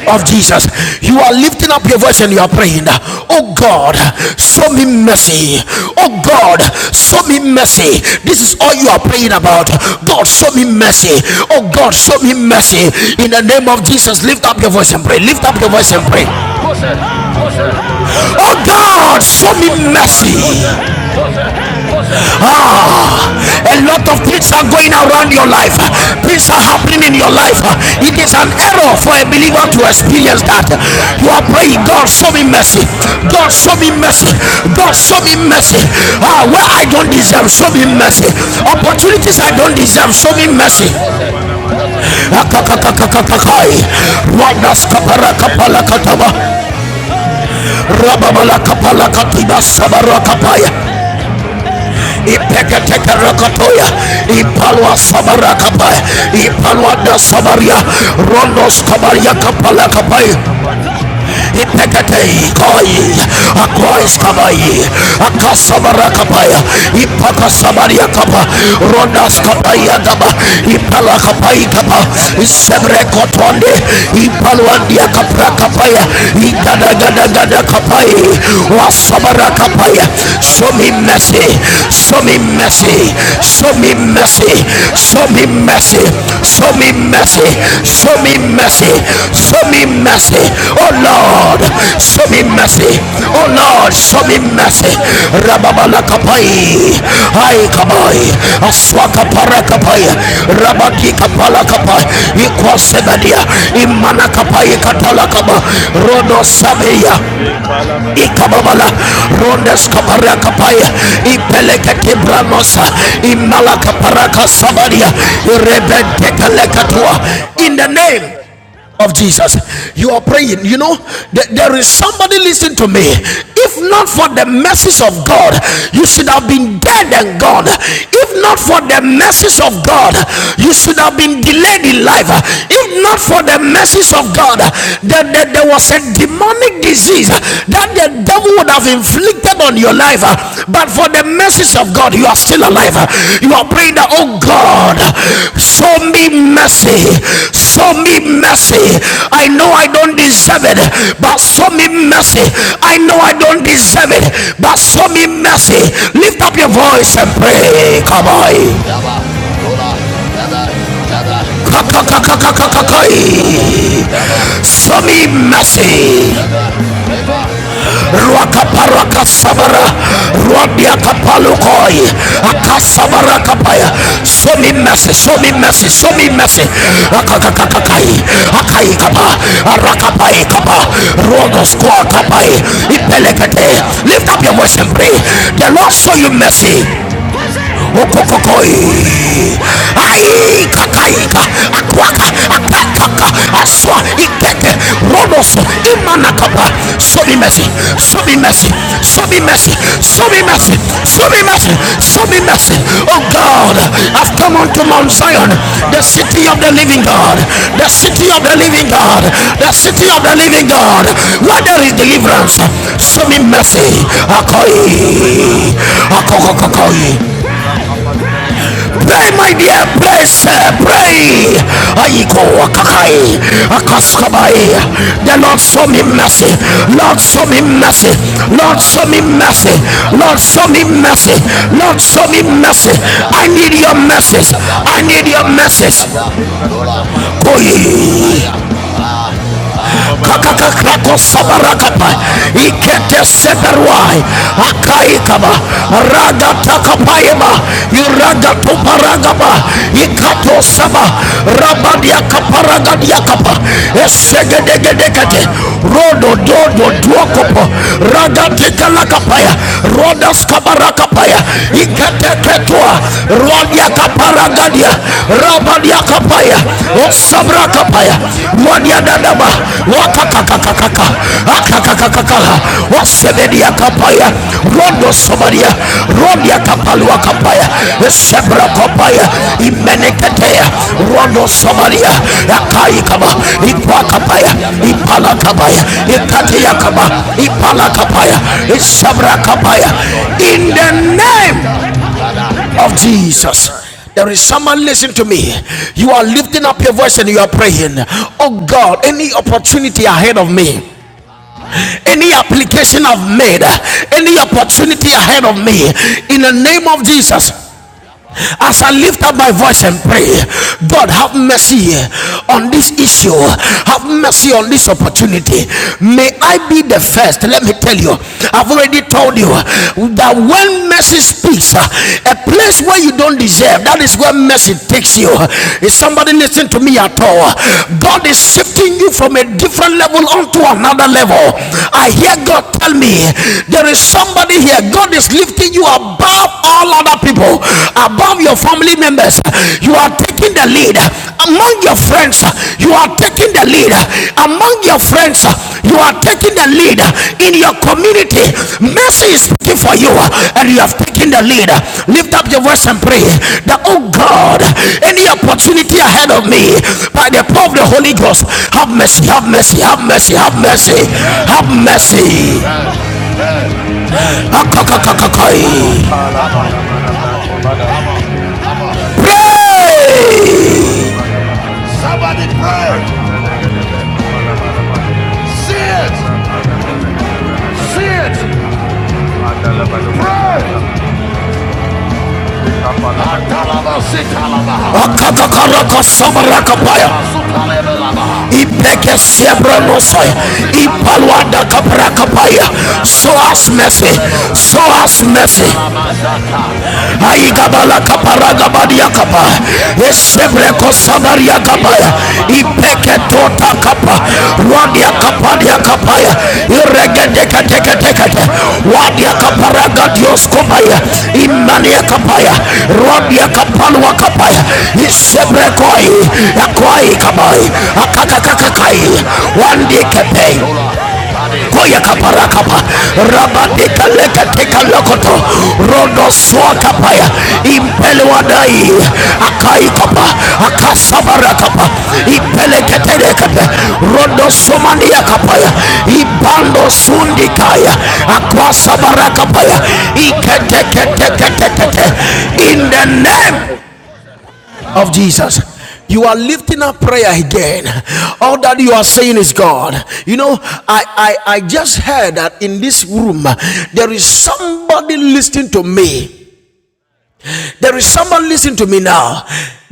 S1: of Jesus. You are lifting up your voice and you are praying, Oh God, show me mercy. Oh God, show me mercy. This is all you are praying about. God, show me mercy. Oh God, show me mercy. In the name of Jesus, lift up your voice and pray. Lift up your voice and pray.
S2: abala bala bala
S1: Oh
S2: bado
S1: God,
S2: sadebra.
S1: show me
S2: Father,
S1: mercy.
S2: O God, show me mercy.
S1: Ah,
S2: Oh
S1: a
S2: God,
S1: lot of
S2: show
S1: things
S2: me
S1: are going
S2: mercy.
S1: around your life.
S2: Father,
S1: Things are
S2: show me
S1: happening in your
S2: mercy.
S1: life.
S2: Father, show
S1: It
S2: me
S1: is an
S2: mercy.
S1: error for a believer
S2: In
S1: to
S2: the name of
S1: experience that.
S2: Jesus, show me
S1: You are
S2: mercy, oh
S1: praying, God,
S2: God.
S1: show me mercy. God,
S2: Palabra
S1: show me
S2: ovali
S1: mercy. God,
S2: balagadaba.
S1: show me mercy.
S2: Show
S1: Ah,
S2: me
S1: where I
S2: mercy,
S1: don't
S2: O
S1: deserve,
S2: God.
S1: show
S2: Show
S1: me
S2: me
S1: mercy.
S2: mercy
S1: Opportunities
S2: in
S1: I
S2: the
S1: don't
S2: name of
S1: deserve,
S2: Jesus.
S1: show me mercy.
S2: Palibra vadabadaba shadaba. Show me mercy, O God. Show me mercy. Show me mercy in the name of Jesus.
S1: Rababala kapala katiba
S2: Palibra
S1: sabara kapaya.
S2: kobalabada. Jadi balagade
S1: ipeketekerakatoya
S2: pandabalagadaba.
S1: ipalwa
S2: Kobalabadaba.
S1: sabarakapaya
S2: Jende
S1: ipalwa da sabaria
S2: brakalabalagalabalaba.
S1: rondos kabaria kapalakapaya
S2: Rekapalaba.
S1: ipeketei koi akois kabai
S2: Rekapalabadabra.
S1: akasavara
S2: Ayandele
S1: kapaya ipakasavaria kapa rodas kapaya kapa ipala kapai kapa sevre kotonde ipaluandia kapra kapaya igadagadagada kapai wasavara kapaya show me mercy show me mercy show me mercy show me mercy mercy. Show me mercy. Show
S2: vele
S1: me
S2: gade
S1: mercy.
S2: vale kobala
S1: Show
S2: balaba
S1: me mercy.
S2: rakanti
S1: Oh
S2: pa rashan
S1: Lord,
S2: debre
S1: show me mercy. Oh
S2: Dikalevele
S1: Lord,
S2: galabado
S1: show me
S2: shanabla.
S1: mercy.
S2: Roponto
S1: Rababala
S2: parava de belebelebe.
S1: kapai. ai
S2: Kalala
S1: kapai.
S2: balabalaba.
S1: Aswaka
S2: Shadi
S1: para kapai.
S2: vregelevele galebe.
S1: Rabaki kapala
S2: Mantam
S1: kapai. Ikwa
S2: palegelevele galebe.
S1: sebadia. Imana
S2: Rabado
S1: kapai
S2: shadabalaba.
S1: katala kaba. Rodo sabeya
S2: Likpalaba digelebe.
S1: ikababala
S2: Rakata
S1: rondes kaparia
S2: palegelevele
S1: kapaya
S2: galebele galebe.
S1: ipeleke
S2: Ropontom
S1: kibramosa
S2: palegelevele
S1: imala
S2: galaba.
S1: kaparaka sabaria
S2: Azandelebelebo shadabra.
S1: irebentekelekatua in
S2: Rakatapa
S1: the name
S2: rashadabe.
S1: of Jesus. You are praying. You know, th- there is somebody listen to me. If not for the mercies of God, you should have been dead and gone. If not for the mercies of God, you should have been delayed in life. If not for for the mercies of God, that there, there was a demonic disease that the devil would have inflicted on your life, but for the mercies of God, you are still alive. You are praying that, oh God, show me mercy, show me mercy. I know I don't deserve it, but show me mercy. I know I don't deserve it, but show me mercy. Lift up your voice and pray. Come on. Kapakakakakakakakoi. Sami mercy. Ruakapara kasabara. Ruabia kapalukoi. Akasabara kapaya. Sami mercy. Sami mercy. Sami mercy. Akakakakai. Akai kapa. Arakapai kapa. Ruagos kwa kapai. Ipelekete. Lift up your voice and pray. The Lord show you mercy okokokoi aikakaika
S2: Palabada
S1: akwaka
S2: Kala
S1: akakaka
S2: bala
S1: aswa
S2: braka le bala gada
S1: ikeke
S2: bado bada ba.
S1: rodos
S2: Ikum pala
S1: imanakapa
S2: bala bala
S1: show me
S2: kanda
S1: mercy
S2: bala gada
S1: show me
S2: braka da
S1: mercy
S2: ba.
S1: show me mercy
S2: Shade braka
S1: show
S2: da
S1: me
S2: bara
S1: mercy
S2: shada ba.
S1: show me mercy
S2: Father,
S1: show me
S2: show me
S1: mercy
S2: mercy,
S1: oh
S2: show me
S1: god
S2: mercy.
S1: i've come
S2: In the
S1: unto
S2: name
S1: mount
S2: of Jesus,
S1: zion the
S2: kala
S1: city
S2: bado
S1: of the
S2: shada bra.
S1: living god the city
S2: Koli
S1: of the
S2: bala
S1: living
S2: bala
S1: god
S2: bala bala ba.
S1: the city of the living god
S2: Jale bele
S1: where
S2: gada
S1: there
S2: bra.
S1: is deliverance
S2: Rakante
S1: show
S2: para
S1: me
S2: bado shada
S1: mercy
S2: bra. Ikanda bale gada
S1: akoi
S2: bale go bala bada ba.
S1: akokokoi
S2: Raka pale gada bale gada ba
S1: Pray, my
S2: kumbala
S1: dear,
S2: ba.
S1: Pray, bless,
S2: Zadi bre kumbala
S1: pray.
S2: bada shada
S1: Aiko, kakai,
S2: Rapanta
S1: akaskabai. The Lord show me mercy. Lord show me mercy. Lord show me mercy. Lord show me mercy. Lord show me mercy. I need your message. I need your message. Koi kakakakrako sabarakapa ikete seberwai akaikaba
S2: palegada balegada
S1: ragatakapaima
S2: balegada ba
S1: iragatuparagaba
S2: Shadabalaba. Show me mercy, O
S1: ikatosaba
S2: God. Show me mercy. Show me
S1: rabadiakaparagadiakapa
S2: mercy. In the name of Jesus.
S1: esegedegedekete
S2: Father, O God, show me mercy.
S1: rododododuokopo
S2: Regedi balagadaba. Lo
S1: ragatikalakapaya
S2: shandebre.
S1: rodaskabarakapaya iketeketua
S2: Jadabalagadaba lagadaba. Show me
S1: rodiakaparagadia
S2: mercy. Show me
S1: rabadi
S2: mercy.
S1: yakapaya
S2: In the name of
S1: osabra
S2: Jesus.
S1: kapaya
S2: Yeke
S1: wadia dadaba
S2: palabadebelebe. Shaka
S1: wakakakakakaka akakakakaka
S2: palagalabalaba. Rabado shadabre.
S1: wasebedia kapaya rodo
S2: Adelelebelebo
S1: sobadia
S2: shadaba.
S1: rodia kapalua kapaya
S2: Rapantapalagalaba. Show me
S1: sebra
S2: mercy.
S1: kapaya
S2: Show me mercy, oh
S1: imeneketea
S2: God. Show me
S1: rodo
S2: mercy
S1: sobadia
S2: in the name of Jesus.
S1: yakaikaba
S2: Kumanamanaba.
S1: ikwakapaya ipalakabaya ikatiyakaba
S2: Zelelebelebalabalagolabalagadaba.
S1: ipalakapaya isabra kapaya sabra kapaya in
S2: Lakumbalebelegedebrakumbalabana
S1: the
S2: shadabre.
S1: name of
S2: Of Jesus
S1: Jesus.
S2: Christ.
S1: There is someone, listen to me. You are lifting up your voice and you are praying. Oh God, any opportunity ahead of me, any application I've made, any opportunity ahead of me, in the name of Jesus. As I lift up my voice and pray, God, have mercy on this issue. Have mercy on this opportunity. May I be the first. Let me tell you, I've already told you that when mercy speaks, a place where you don't deserve, that is where mercy takes you. Is somebody listening to me at all? God is shifting you from a different level onto another level. I hear God tell me there is somebody here. God is lifting taking you above all other people, above your family members. You are taking the lead among your friends. You are taking the lead among your friends. You are taking the lead in your community. Mercy is speaking for you, and you have taken the lead. Lift up your voice and pray that, oh God, any opportunity ahead of me by the power of the Holy Ghost, have mercy, have mercy, have mercy, have mercy, have mercy. Akakakakakai.
S2: Kalabalabalabrakovada.
S1: Pray!
S2: Zadebrekambalibalegadabalogadaba shadabra. Rakandivelegedebre kumbalabadabash. Zadebrakalebelegedebelebelebe. Mandala Valubo Shadabra, Lika Palava de Bo Shadabra, Likandi
S1: Akatakaraka
S2: Valegadebe, Kala
S1: samarakapaya.
S2: Kala Galaba Legadaba,
S1: Ibeke
S2: Rakandi Brabo de
S1: siebrenosai.
S2: Poro Shadaba,
S1: Ipalwanda
S2: Mandili Velegadebe,
S1: kaprakapaya. Show
S2: Kumalavada
S1: us
S2: Shadaba,
S1: mercy.
S2: Zadev
S1: Show us
S2: Rakadi
S1: mercy.
S2: Velegadebe, Ikampala Galaba
S1: Aigabala
S2: Libro
S1: kaparaga
S2: Kumalava
S1: badia
S2: Labasha,
S1: kapa.
S2: Zadivra Kandi
S1: Esebreko sabaria
S2: Velegadebe,
S1: kapaya.
S2: Libra
S1: kapaya
S2: Kumalava,
S1: ipeketota kapa wadia
S2: Yalava
S1: kapadia
S2: Legadebe
S1: kapaya
S2: Libos,
S1: iregedeketeketekete wadia
S2: Lipala Lava Lava,
S1: kaparagadioskomaya imania kapaya
S2: Ikatampa
S1: rodia
S2: Lelegadebe,
S1: kapalwa kapaya
S2: Zaduba lega da ba da ga
S1: isebrekoi
S2: da ba.
S1: yakwai kabai
S2: Mande leve lebra kumba
S1: akakakakakai
S2: da sha de bre.
S1: wandikepei
S2: Zandi ba lo kumba da ba
S1: koya
S2: sha
S1: kapara kapa
S2: Mande leve
S1: rabatika
S2: lege de
S1: leka teka
S2: panda
S1: lokoto
S2: ba
S1: rondo swa kapaya
S2: Ima kumpa
S1: impele
S2: lava ba lebe
S1: wadai
S2: lebe lebe.
S1: akai kapa
S2: Rakati pa rasha de
S1: akasabara
S2: bra.
S1: kapa
S2: Azende
S1: impele
S2: le lebe
S1: ketele
S2: la ba
S1: kapa
S2: sha de bra.
S1: rondo
S2: Le
S1: somania
S2: kapa la ga da
S1: kapaya
S2: ba do sha
S1: ibando sundi
S2: mande ba
S1: kaya
S2: kumba la la ba ba.
S1: akwasabara kapaya
S2: Para ga do
S1: ikete
S2: sha de bre
S1: kete
S2: ga lava.
S1: kete
S2: bre.
S1: kete in the name of Jesus. You are lifting up prayer again. All that you are saying is God. You know, I, I, I just heard that in this room there is somebody listening to me there is someone listening to me now.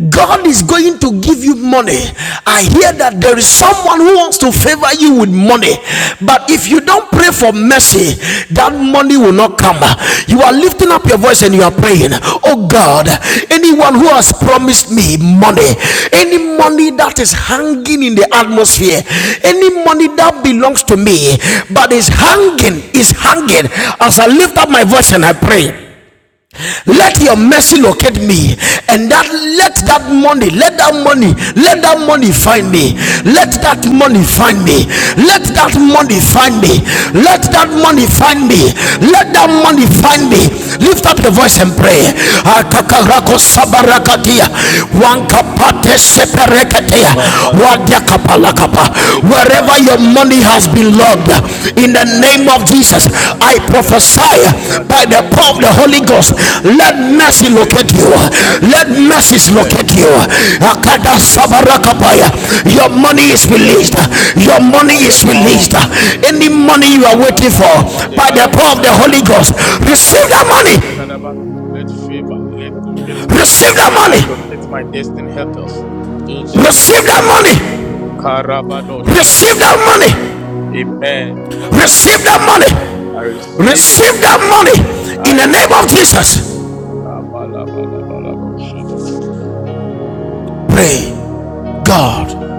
S1: God is going to give you money. I hear that there is someone who wants to favor you with money. But if you don't pray for mercy, that money will not come. You are lifting up your voice and you are praying, Oh God, anyone who has promised me money, any money that is hanging in the atmosphere, any money that belongs to me but is hanging, is hanging. As I lift up my voice and I pray. Let your mercy locate me, and that let that money, let that money, let that money find me. Let that money find me. Let that money find me. Let that money find me. Let that money find me. Lift up your voice and pray. Akakarako sabarakatia, wankapate seperekatea, wadiakapalakapa,
S2: Le papa
S1: wherever
S2: la
S1: your
S2: bada
S1: money
S2: bada
S1: has
S2: bada.
S1: been logged in
S2: Le
S1: the
S2: bada
S1: name of
S2: bada go
S1: jesus
S2: bada
S1: i
S2: bada shadabra.
S1: prophesy by the
S2: Zadabra
S1: power of the
S2: kadibra
S1: holy ghost
S2: legadabra.
S1: let
S2: In the name
S1: mercy
S2: of
S1: locate
S2: Jesus,
S1: you
S2: I
S1: let
S2: decree and
S1: mercy
S2: declare,
S1: locate you
S2: let good things locate me. Let me
S1: your
S2: meet
S1: money
S2: people
S1: is
S2: in the name
S1: released
S2: of Jesus.
S1: your money
S2: By the
S1: is
S2: power
S1: released
S2: of the Holy
S1: any
S2: Ghost.
S1: money you are waiting
S2: Kalabra
S1: for
S2: koma
S1: by the
S2: devala
S1: power of the
S2: bashadabra.
S1: holy ghost
S2: Le kapa
S1: receive that money
S2: lagadaba lagadaba. Let favor, let locate me.
S1: receive that
S2: May I
S1: money
S2: locate my destined helpers in the name
S1: receive
S2: of
S1: that money
S2: Jesus. Karabadosha
S1: receive that money
S2: debrekadaba. Amen.
S1: receive that
S2: Kalibadaba.
S1: money
S2: I receive it.
S1: Receive that money in
S2: I
S1: the name of
S2: receive.
S1: Jesus.
S2: Kabalabalabalabalabosha debrekadaba.
S1: Pray, God.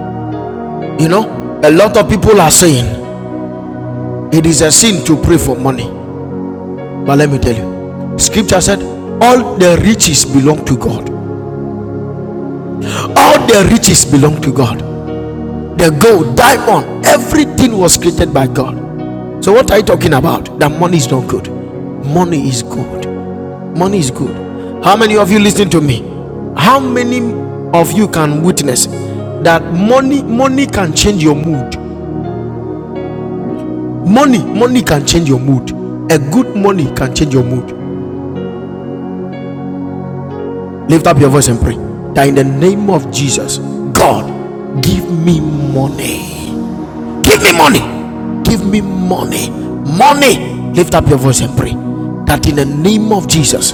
S1: You know, a lot of people are saying it is a sin to pray for money. But let me tell you, scripture said, All the riches belong to God. All the riches belong to God. The gold, diamond, everything was created by God. So, what are you talking about? That money is not good. Money is good. Money is good. How many of you listen to me? How many of you can witness that money money can change your mood? Money money can change your mood. A good money can change your mood. Lift up your voice and pray. That in the name of Jesus, God, give me money. Give me money. Give me money. Money. Lift up your voice and pray. That in the name of Jesus,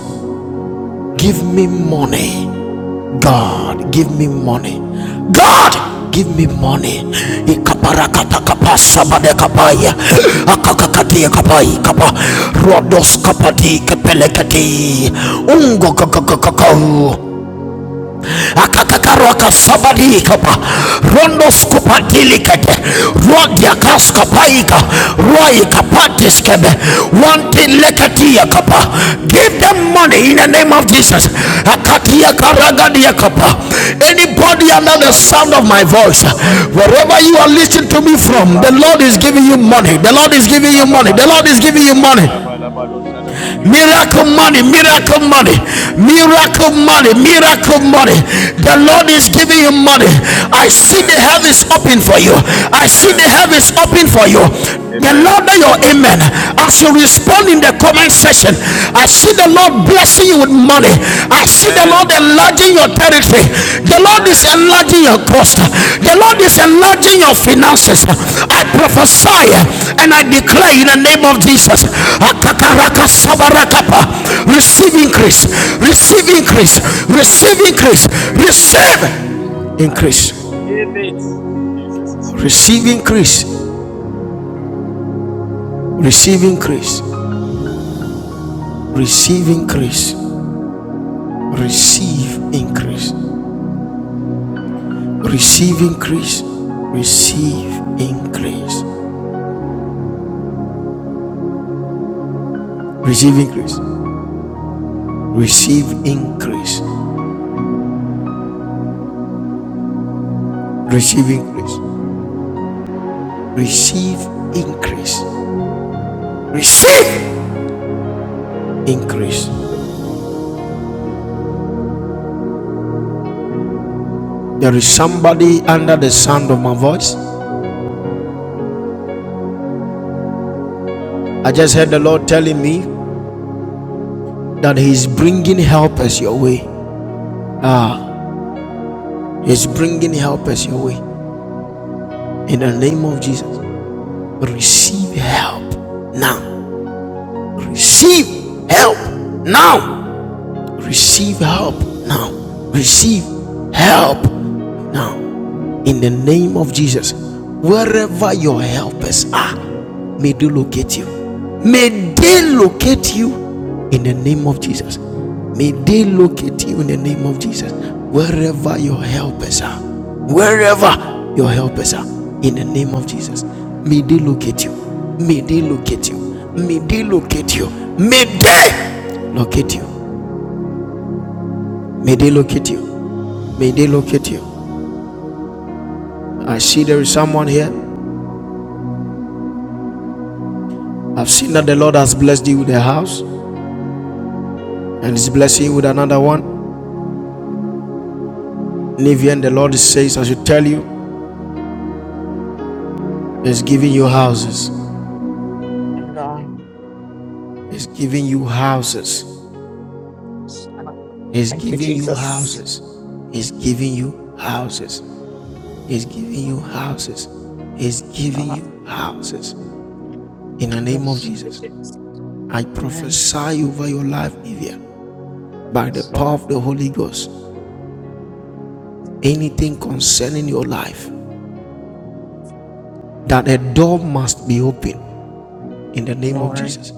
S1: give me money. God, give me money. God, give me money. Ikaparakata kapasa bade kapaya. Akakakati kapai kapa. Rodos kapati kepelekati. Ungo kakakakakau akakakarwakasabadikapa rondoskupatilikete ruadiakaskapaika ruaikapatiskebe kapa. give them money in the name of jesus Akatia karagadia kapa. anybody under the sound of my voice
S2: Shalabalebrakalabalabalabalaba.
S1: wherever you are listening to me from the lord is
S2: Lebadosha
S1: giving you money
S2: debrekadaba.
S1: the lord is giving you money the lord is
S2: Imanamadasha
S1: giving you money
S2: debrakalabalabadosha debra.
S1: Miracle money, miracle money, miracle money, miracle
S2: Amen.
S1: money. The Lord
S2: Amen.
S1: is giving you money. I see the
S2: Amen.
S1: heavens open for you. I see
S2: Amen.
S1: the heavens open for you the
S2: Amen.
S1: louder your amen as you respond in the comment section i
S2: Mm.
S1: see the lord blessing you with money i see the lord Lord
S2: Amen.
S1: enlarging your territory. The Lord is
S2: Amen.
S1: enlarging your cost. The Lord is
S2: Amen.
S1: enlarging your finances. I
S2: Amen.
S1: prophesy and I declare in the name of Jesus.
S2: I
S1: Akakaraka sabarakapa. Receive increase. Receive increase.
S2: receive.
S1: Receive increase.
S2: I receive.
S1: Receive
S2: I
S1: increase.
S2: receive it in Jesus' name.
S1: Receive increase. Receive increase. Receive increase. Receive increase. Receive increase. Receive increase. Receive increase. Receive increase. Receive increase. Receive increase. Receive increase. There is somebody under the sound of my voice. I just heard the Lord telling me that He is bringing helpers your way. He is bringing helpers your way. In the name of Jesus, receive help now. Receive help now. Receive help now. Receive help now. in the name of Jesus. Wherever your helpers are, may they locate you. May they locate you in the name of Jesus. May they locate you in the name of Jesus. Wherever your helpers are, wherever your helpers are, in the name of Jesus. May they locate you. May they locate you. May they locate you. May they locate you. May they locate you. May they locate you. I see there is someone here. I've seen that the Lord has blessed you with a house and is blessing you with another one. Nivian, the Lord says, I should tell you, He's giving you houses.
S3: I'm going.
S1: He's giving you houses. He's
S3: Thank you,
S1: giving you
S3: Jesus.
S1: houses. He's giving you houses. He's giving you houses. He's giving
S3: Uh,
S1: you houses. In the name of
S3: yes.
S1: Jesus, I
S3: Amen.
S1: prophesy over your life, Nivian, by the
S3: Yes,
S1: power
S3: Lord.
S1: of the Holy Ghost. Anything concerning your life, that a door must be opened in the name of
S3: Lord.
S1: Jesus.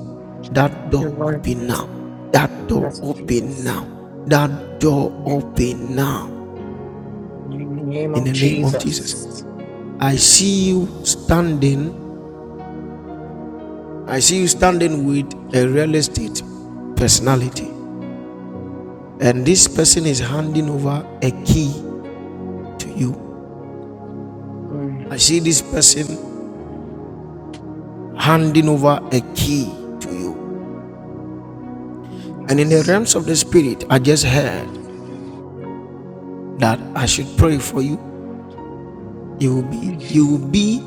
S1: That
S3: Thank you,
S1: door
S3: Lord.
S1: open now. That door
S3: Yes,
S1: open
S3: Jesus.
S1: now. That door
S3: In
S1: open now.
S3: the name
S1: In
S3: of
S1: the name of Jesus.
S3: Jesus.
S1: I see you standing. I see you standing with a real estate personality. And this person is handing over a key to you.
S3: Mm.
S1: I see this person handing over a key to you. And in the
S3: Yes.
S1: realms of the spirit, I just heard that I should pray for you. You will be
S3: Mm.
S1: you will be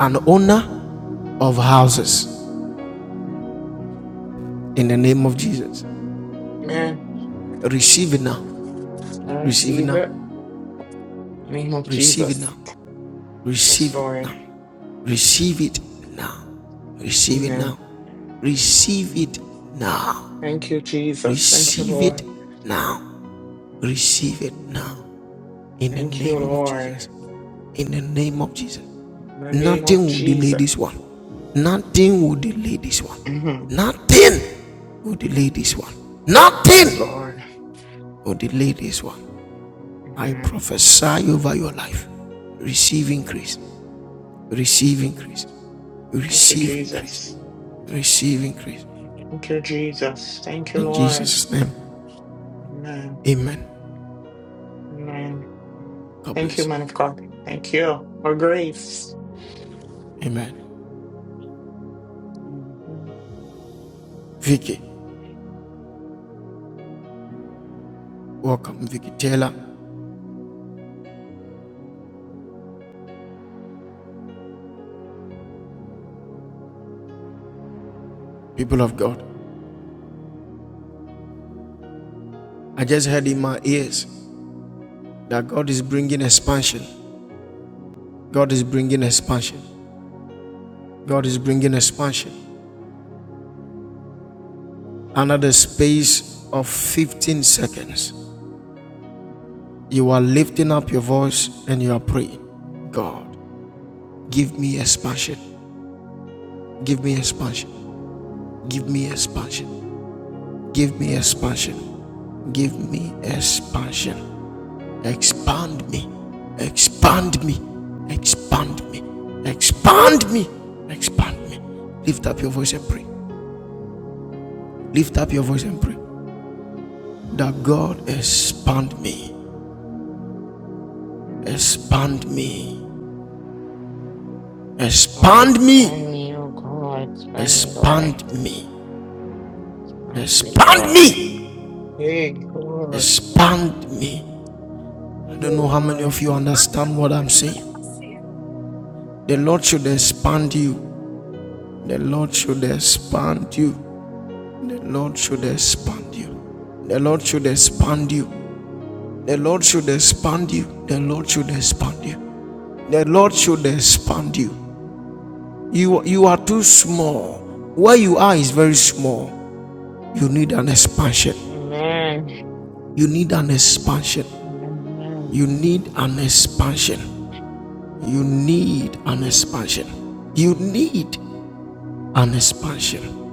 S1: an owner of houses in the name of Jesus.
S3: Amen.
S1: Receive it now.
S3: I
S1: Receive it
S3: receive
S1: now.
S3: it. In the name of
S1: Receive it
S3: Jesus.
S1: now.
S3: Yes,
S1: Receive it
S3: Lord.
S1: now. Receive it now. Receive it
S3: Amen.
S1: now. Receive
S3: Mm.
S1: it now.
S3: Thank you, Jesus. Thank you,
S1: Receive it
S3: Lord.
S1: now. Receive it
S3: Mm.
S1: now. In the
S3: Thank you,
S1: name of
S3: Lord.
S1: Jesus. In the name of Jesus.
S3: In the name of
S1: Nothing will delay
S3: Jesus.
S1: this one. Nothing will delay this one.
S3: Mhm.
S1: Nothing will delay this one.
S3: Yes,
S1: Nothing
S3: Lord.
S1: or delay this one. I
S3: Mhm.
S1: prophesy over your life. Receive increase. Receive increase.
S3: Thank you,
S1: Receive increase.
S3: Jesus.
S1: Receive increase.
S3: Thank you, Jesus. Thank you,
S1: In
S3: Lord.
S1: Jesus' name.
S3: Amen.
S1: Amen.
S3: Amen.
S1: God
S3: Thank you,
S1: bless.
S3: man of
S1: you.
S3: God. Thank you. More grace.
S1: Amen.
S3: Mhm.
S1: Vicky, welcome. Vicky Taylor, people of God. I just heard in my ears that God is bringing expansion. God is bringing expansion. God is bringing expansion. Another space of 15 seconds. You are lifting up your voice and you are praying, God, give me expansion. Give me expansion. Give me expansion. Give me expansion. Give me expansion. Expand me. Expand me. Expand me. Expand me. Expand me. Lift up your voice and pray. Lift up your voice and pray. That God expand me. Expand me.
S3: Lord,
S1: Expand
S3: expand
S1: me.
S3: me, oh God. Expand me, Lord.
S1: Expand me.
S3: Thank me,
S1: Expand
S3: Lord.
S1: me.
S3: Hey, Lord.
S1: Expand me. I
S3: Thank
S1: don't
S3: you,
S1: know how many
S3: Lord.
S1: of you understand what I'm saying. The Lord should expand you. The Lord should expand you. The Lord should expand you. The Lord should expand you. The Lord should expand you. The Lord should expand you. The Lord should expand you. You, you are too small. Where you are is very small. You need an expansion.
S3: Amen. Amen.
S1: You need an expansion.
S3: Amen.
S1: You need an expansion. You need an expansion. You need An expansion.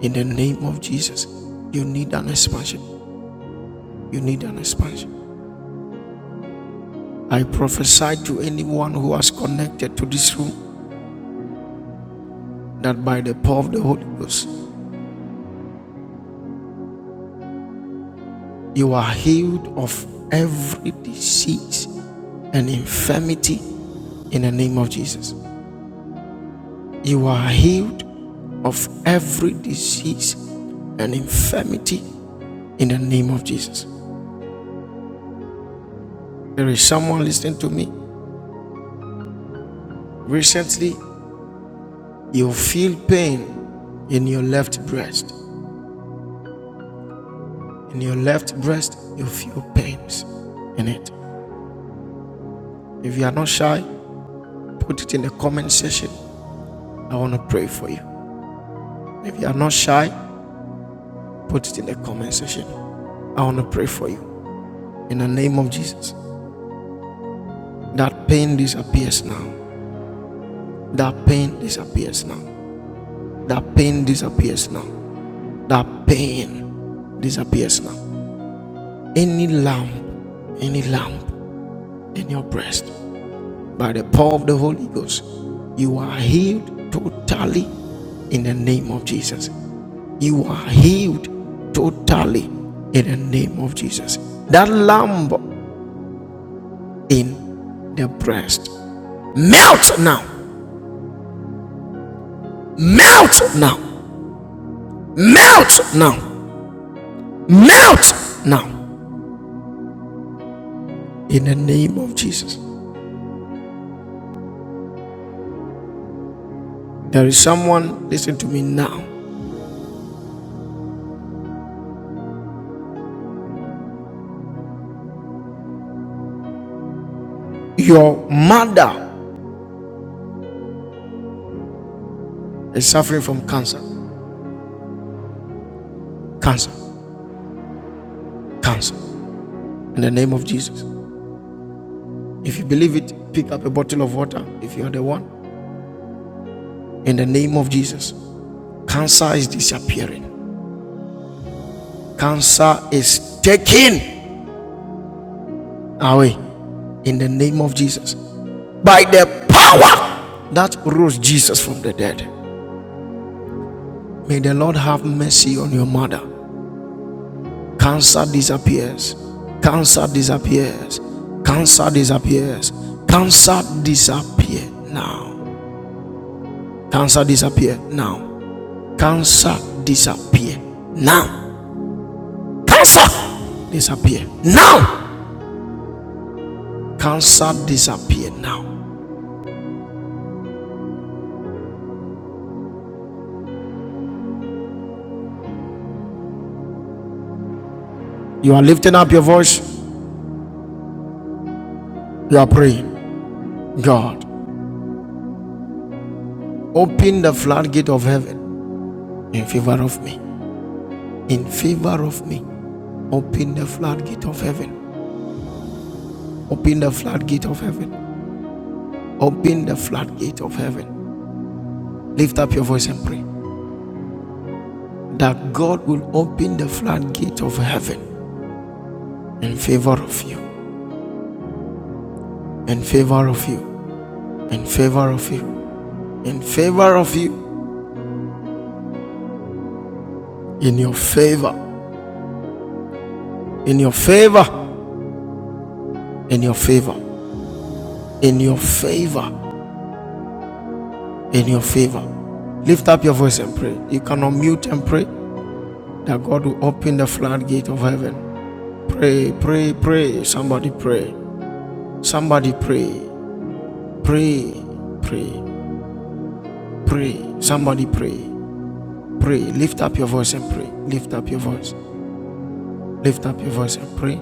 S1: In the name of Jesus, you need an expansion. You need an expansion. I prophesy to anyone who has connected to this room that by the power of the Holy Ghost, you are healed of every disease and infirmity in the name of Jesus. You are healed of every disease and infirmity in the name of Jesus. There is someone listening to me. Recently, you feel pain in your left breast. In your left breast, you feel pains in it. If you are not shy, put it in the comment section. I want to pray for you. If you are not shy, put it in the comment section. I want to pray for you. In the name of Jesus, that pain disappears now. That pain disappears now. That pain disappears now. That pain disappears now. Any lump, any lump in your breast, by the power of the Holy Ghost. You are healed totally in the name of Jesus. You are healed totally in the name of Jesus. That lamb in the breast. Melt now. Melt now. Melt now. Melt now. In the name of Jesus. There is someone, listen to me now. Your mother is suffering from cancer. Cancer. Cancer. In the name of Jesus. If you believe it, pick up a bottle of water if you are the one. In the name of Jesus, cancer is disappearing. Cancer is taken away in the name of Jesus. By the power that rose Jesus from the dead. May the Lord have mercy on your mother. Cancer disappears. Cancer disappears. Cancer disappears. Cancer disappear now. Cancer disappear now. Cancer disappear now Cancer disappear now. Cancer disappear now. You are lifting up your voice. You are praying. God, open the floodgate of heaven in favor of me. In favor of me. Open the floodgate of heaven. Open the floodgate of heaven. Open the floodgate of heaven. Lift up your voice and pray that God will open the floodgate of heaven in favor of you. In favor of you. In favor of you. In favor of you. In your favor in your favor, in your favor, in your favor, in your favor. Lift up your voice and pray. You can unmute and pray that God will open the floodgate of heaven. Pray, pray, pray. Somebody pray. Somebody pray. Pray, pray, pray. Somebody pray. Pray. Lift up your voice and pray. Lift up your voice. Lift up your voice and pray.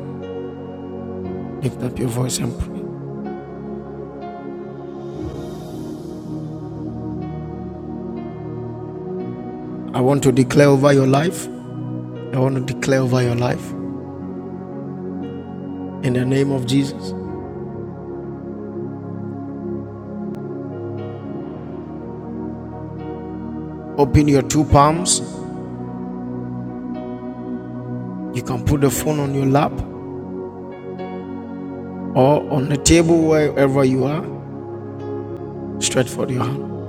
S1: Lift up your voice and pray. I want to declare over your life. I want to declare over your life. In the name of Jesus. Open your two palms You can put the phone on your lap or on the table wherever you are, stretch forth your hand.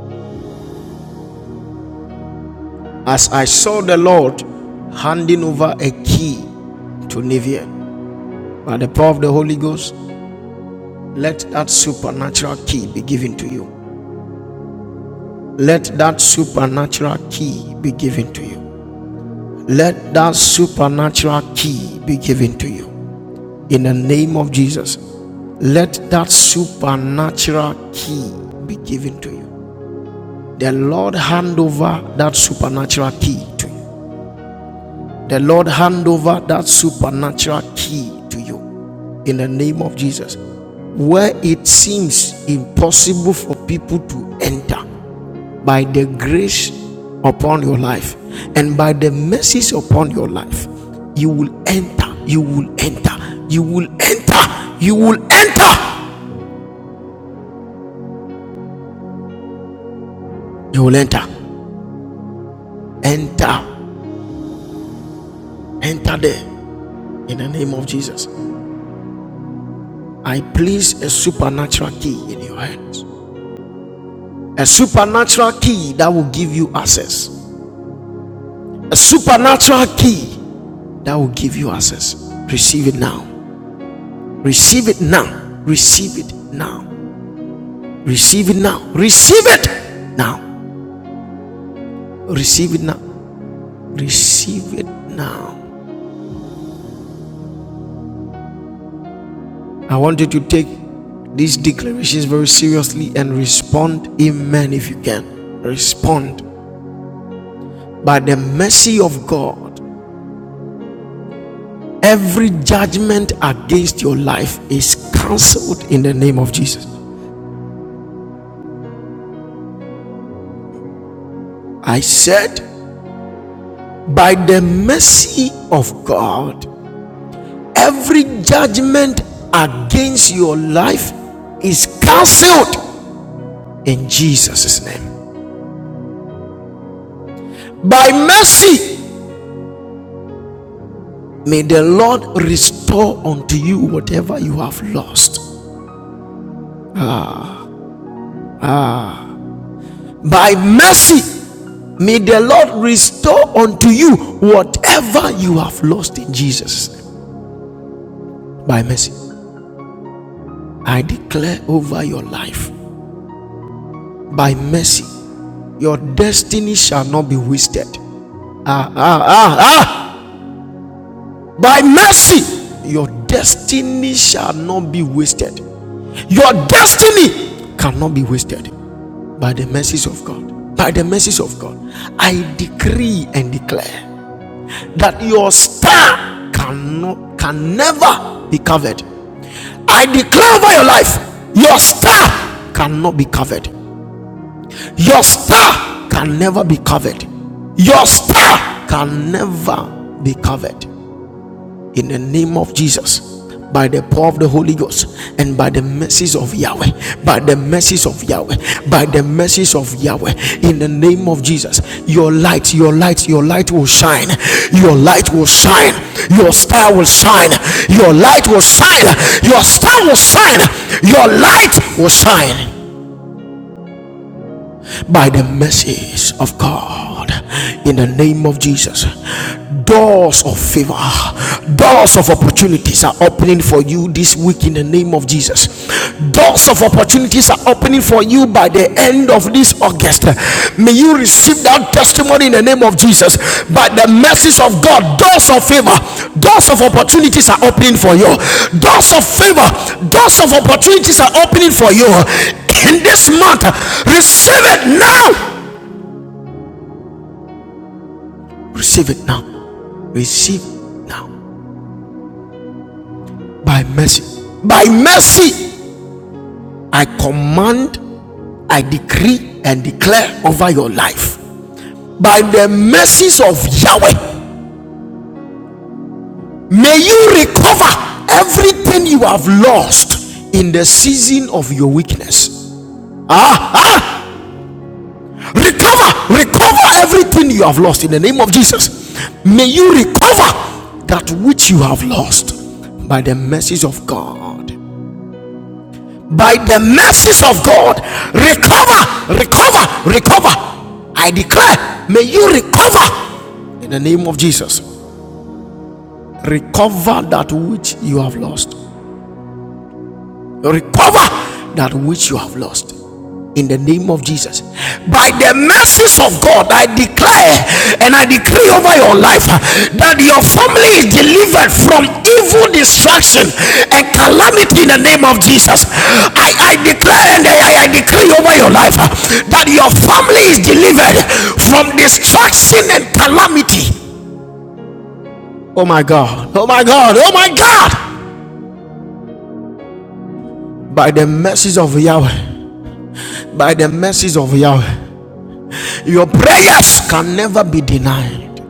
S1: As I saw the Lord handing over a key to Nivian, by the power of the Holy Ghost, let that supernatural key be given to you. Let that supernatural key be given to you. Let that supernatural key be given to you. In the name of Jesus, let that supernatural key be given to you. The Lord hand over that supernatural key to you. The Lord hand over that supernatural key to you in the name of Jesus. Where it seems impossible for people to enter by the grace upon your life and by the mercies upon your life, you will enter, you will enter, you will enter, you will enter, you will enter, enter, enter there in the name of Jesus. I place a supernatural key in your hands. A supernatural key that will give you access. A supernatural key that will give you access. Receive it now. Receive it now. Receive it now. Receive it now. Receive it now. Receive it now. Receive it now. I want you to take these declarations very seriously and respond, Amen, if you can. Respond by the mercy of God. Every judgment against your life is cancelled in the name of Jesus. I said, by the mercy of God, every judgment against your life is cancelled in Jesus' name. By mercy, may the Lord restore unto you whatever you have lost. By mercy, may the Lord restore unto you whatever you have lost in Jesus' name. By mercy. I declare over your life by mercy, your destiny shall not be wasted. Ah, ah, ah, ah. By mercy, your destiny shall not be wasted. Your destiny cannot be wasted by the mercies of God. By the mercies of God, I decree and declare that your star cannot, can never be covered. I declare over your life, your star cannot be covered. Your star can never be covered. Your star can never be covered. In the name of Jesus, by the power of the Holy Ghost, and by the mercies of Yahweh, by the mercies of Yahweh, by the mercies of Yahweh, in the name of Jesus, your light, your light, your light will shine. Your light will shine. Your star will shine. Your light will shine. Your star will shine. Your light will shine. by the mercies of God. In the name of Jesus, doors of favor, doors of opportunities are opening for you this week in the name of Jesus. Doors of opportunities are opening for you by the end of this August. May you receive that testimony in the name of Jesus. By the mercies of God, doors of favor, doors of opportunities are opening for you. Doors of favor, doors of opportunities are opening for you in this month. Receive it now. Receive it now. Receive it now. By mercy. By mercy, I command, I decree, and declare over your life. By the mercies of Yahweh May you recover everything you have lost in the season of your weakness. Ah, ah, recover, recover everything you have lost in the name of Jesus. May you recover that which you have lost by the mercies of God. By the mercies of God, recover, recover, recover. I declare, may you recover in the name of Jesus. Recover that which you have lost recover that which you have lost in the name of Jesus. By the mercies of God, I declare and I decree over your life that your family is delivered from evil destruction and calamity in the name of Jesus. I, I declare and I, I decree over your life that your family is delivered from destruction and calamity. Oh my God, oh my God, oh my God. By the mercies of Yahweh, by the mercies of Yahweh. Your prayers can never be denied.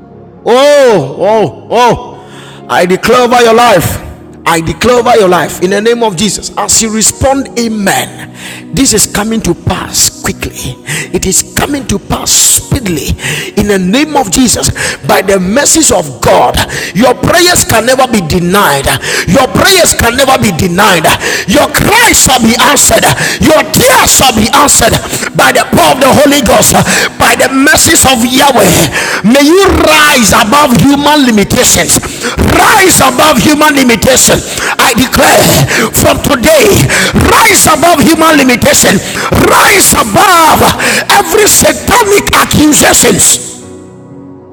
S1: Oh, oh, oh. I declare over your life. I declare over your life in the name of Jesus. As you respond, Amen. This is coming to pass quickly. It is coming to pass speedily in the name of Jesus. By the mercies of God, your prayers can never be denied. Your prayers can never be denied. Your prayers shall be answered, your tears shall be answered by the power of the Holy Ghost, by the mercies of Yahweh. May you rise above human limitations, rise above human limitations. I declare from today, rise above human limitation, rise above every satanic accusations.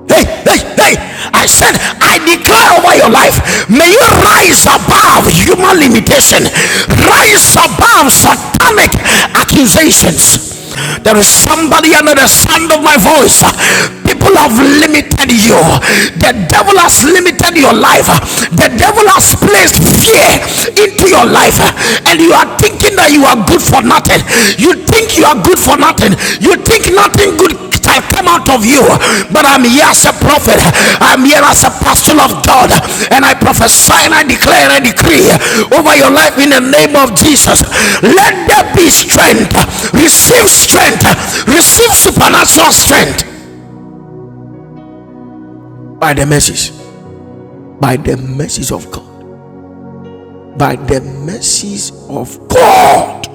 S1: Hey, hey, hey. I said, I declare over your life, may you rise above human limitation, rise above satanic accusations. There is somebody under the sound of my voice. People have limited you. The devil has limited your life. The devil has placed fear into your life. And you are thinking that you are good for nothing. You think you are good for nothing. You think nothing good have come out of you, but I'm here as a prophet, I'm here as a apostle of God, and I prophesy and I declare and I decree over your life in the name of Jesus. Let there be strength, receive strength, receive supernatural strength by the mercies, by the mercies of God, by the mercies of God.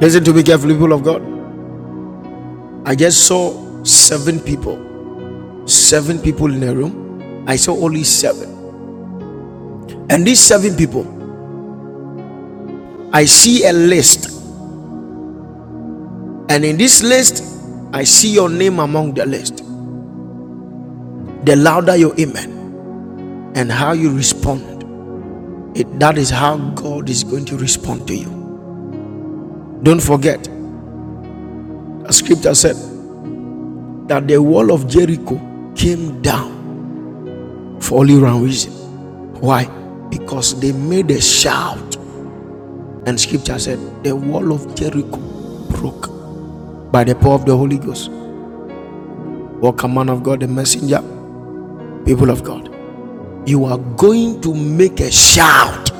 S1: Listen to me carefully, people of God. I just saw seven people, seven people in a room. I saw only seven, and these seven people I see a list, and in this list, I see your name among the list. The louder your amen and how you respond, it, that is how God is going to respond to you. Don't forget, the scripture said that the wall of Jericho came down for only one reason. Why? Because they made a shout, and scripture said the wall of Jericho broke by the power of the Holy Ghost. Welcome, man of God, the messenger, people of God. you are going to make a shout.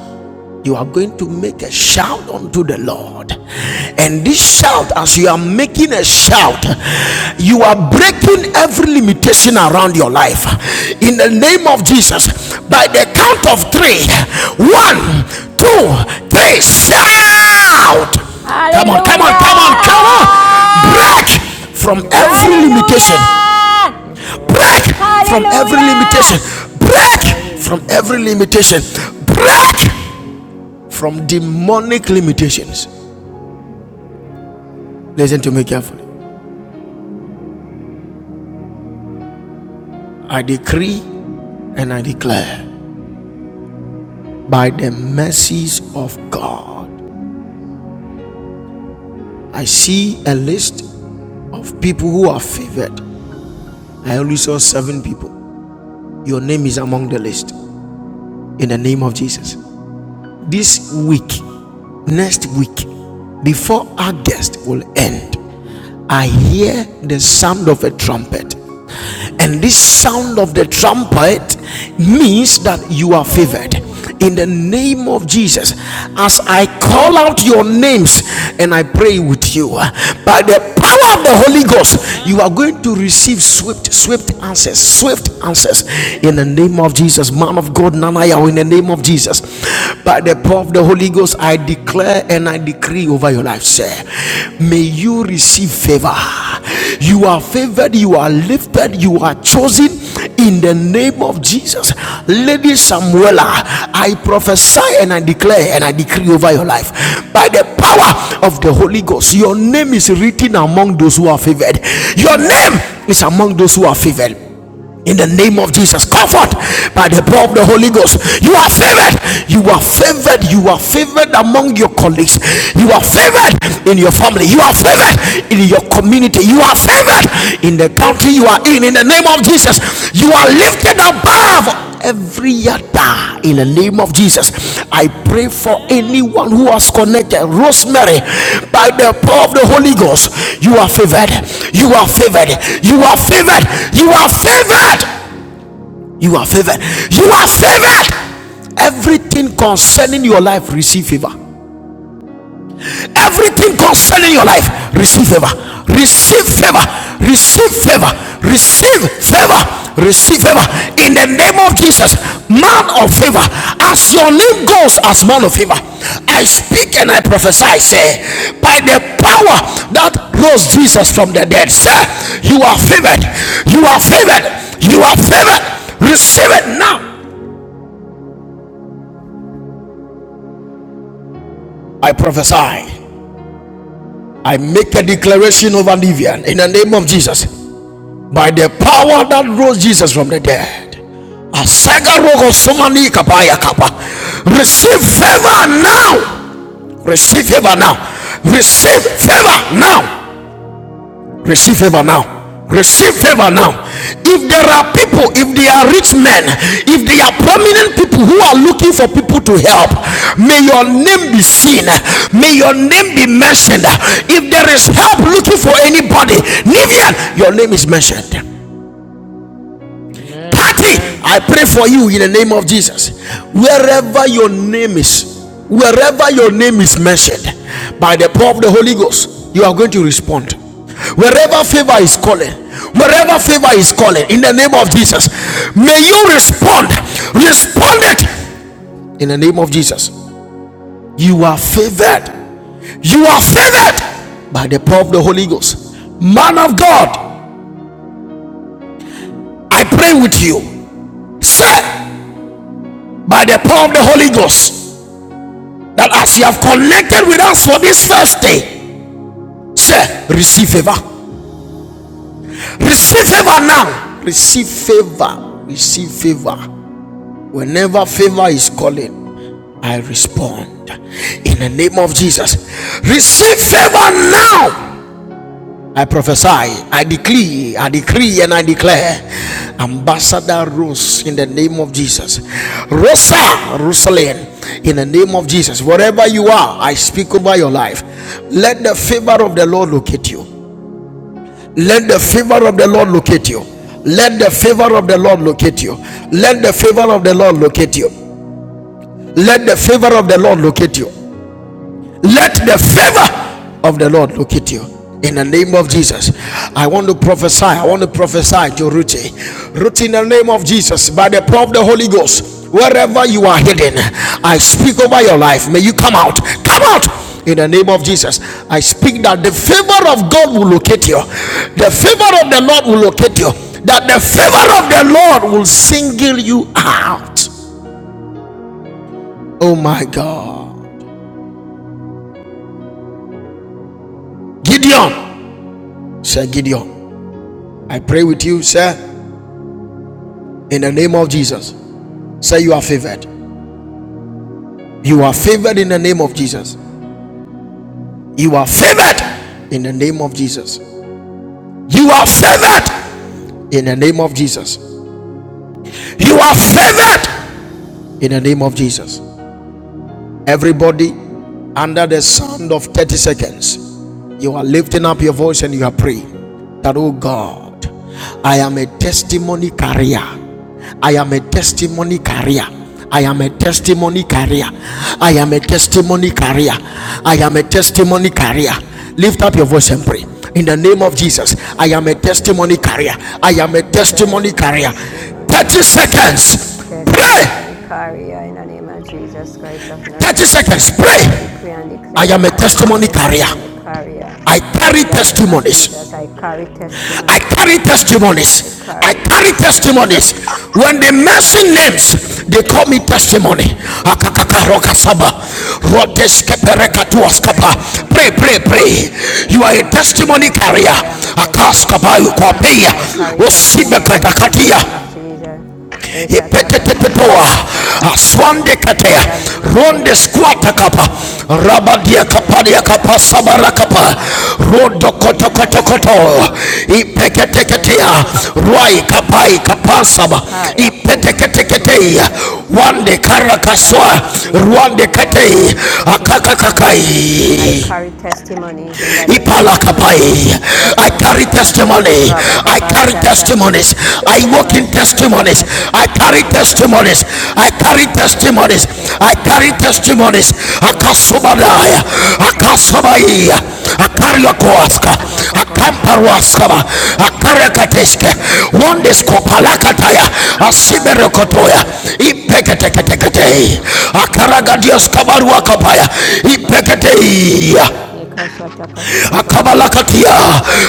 S1: You are going to make a shout unto the Lord. And this shout, as you are making a shout, you are breaking every limitation around your life. In the name of Jesus, by the count of three one, two, three, shout. Come on, come
S4: Hallelujah!
S1: on, come on, come
S3: Hallelujah.
S1: on. Break from
S3: Hallelujah.
S1: every limitation
S4: Hallelujah!
S3: Yes,
S1: break
S3: Lord.
S1: from every limitation
S4: Hallelujah!
S1: break from every
S3: Hallelujah.
S1: limitation break from demonic limitations listen to me carefully i decree and i declare by the mercies of god i see a list of people who are favored i only saw seven people your name is among the list in the name of jesus this week next week before August will end, I hear the sound of a trumpet and this sound of the trumpet means that you are favored
S5: Oh,
S1: in the name of Jesus. As I call out your names and I pray with you, by the power of the Holy Ghost, you
S5: amen.
S1: are going to receive swift, swift answers, swift answers
S5: Oh,
S1: in the name of
S5: Jesus.
S1: Jesus. Man of God, Nanaya, in the name of Jesus. By the power of the Holy Ghost, I
S5: Amen.
S1: declare and I
S5: Amen.
S1: decree over your life, sir. May you receive favor are. You are favored, you are lifted, you are chosen in the name of Jesus. Lady Samuela, I prophesy and I declare and I decree over your life by the power of the Holy Ghost. Your name is written among those who are favored. Your name
S6: Amen. Thank
S1: is
S6: you,
S1: among
S6: Jesus.
S1: those who are favored
S6: Amen. I
S1: in the
S6: receive it.
S1: name of Jesus. Comfort by
S6: Amen.
S1: the power of the Holy Ghost. You are
S6: Father.
S1: favored. You are favored. You are favored among your colleagues. You are favored in your family. You are favored in your community. You are favored in the country you are in. In the
S5: Amen.
S1: name of Jesus,
S5: Amen. Amen.
S1: you are lifted above
S5: Amen.
S1: every yada in the
S5: Amen.
S1: name of Jesus. I pray for
S5: Amen.
S1: anyone who has connected Rosemary
S5: Amen.
S1: by the power of the Holy Ghost.
S5: Amen.
S1: You are favored. You are favored. You are favored. You are favored. You are favored. You are favored. Everything concerning your life receive favor everything concerning your life receive favor receive favor receive favor receive favor receive favor in the name of jesus man of favor as your name goes as man of favor i speak and i prophesy say by the power that rose jesus from the dead sir you are favored you are favored you are favored receive it now i prophesy i make a declaration over livian in the name of jesus by the power that rose Jesus from the dead. Asaga somani kabaya kapa. Receive favor now. Receive favor now. Receive favor now. Receive favor now. Receive favor now. If there are people, if they are rich men, if they are prominent people who are looking for people to help, may your name be seen. May your name be mentioned. If there is help looking for anybody, Nivian, your name is mentioned.
S3: Amen.
S1: party.
S3: Amen.
S1: I pray for you in the name of Jesus.
S3: Mhm.
S1: Wherever your name is, wherever your name is mentioned by the power of the Holy Ghost, you are going to respond. Wherever favor is calling, wherever favor is calling, in the name of Jesus, may you respond. Respond it in the name of Jesus. You are favored. You are favored by the power of the Holy Ghost. Man of God, I pray with you. Say, by the power of the Holy Ghost. that as you have connected with us for this first day, say, receive favor. Receive favor now. Receive favor. Receive favor. Whenever favor is calling, I respond. In the name of Jesus, receive favor now. I prophesy, I decree, I decree, and I declare. Ambassador Rose in the name of Jesus. Rosa Rosalyn, in the name of Jesus. Wherever you are, I speak over your life. Let the favor of the Lord locate you. Let the favor of the Lord locate you. Let the favor of the Lord locate you. Let the favor of the Lord locate you. Let the favor of the Lord locate you. Let the favor of the Lord locate you. In the name of Jesus, I want to prophesy. I want to prophesy to Ruthie. Ruti, in the name of Jesus, by the power of the Holy Ghost, wherever you are hidden, I speak over your life. May you come out. Come out. In the name of Jesus, I speak that the favor of God will locate you. The favor of the Lord will locate you. That the favor of the Lord will single you out. Oh my God. Gideon. Sir Gideon. I pray with you, sir, in the name of Jesus. Say you are favored. You are favored in the name of Jesus. You are favored in the name of Jesus. You are favored in the name of Jesus. You are favored in the name of Jesus. Everybody under the sound of 30 seconds You are lifting up your voice and you are praying that, oh God, I am a testimony carrier. I am a testimony carrier. I am a testimony carrier. I am a testimony carrier. I am a testimony carrier. Lift up your voice and pray. In the name of Jesus, I am a testimony carrier. I am a testimony carrier. 30 seconds. Pray. 30 seconds. Pray. I am a testimony carrier. I carry testimonies. I carry testimonies. I carry testimonies. When they mention names, they call me testimony. Akakakarokasaba. Rodeskeperekatuaskapa. Pray, pray, pray. You are a testimony carrier. Akaskapa yukopeya. Osibekatakatia ipetetetoa aswande katea ronde squata kapa rabadia kapadia kapa sabara kapa rodo koto koto koto ipeketeketea rwai kapai kapasaba ipeteketeketea wande karakaswa rwande katei akakakakai I carry testimony. I carry testimonies. I walk in testimonies. I carry testimonies. I carry testimonies. I carry testimonies. Akasubadaya. Akasabaya. Akariokoaska. Akamparwaskaba. Akarakateske. Wondiskopalakataya. Asiberekotoya. Ipeketekete. Akaragadios kabaruakapaya. Ipeketeia akabalakatia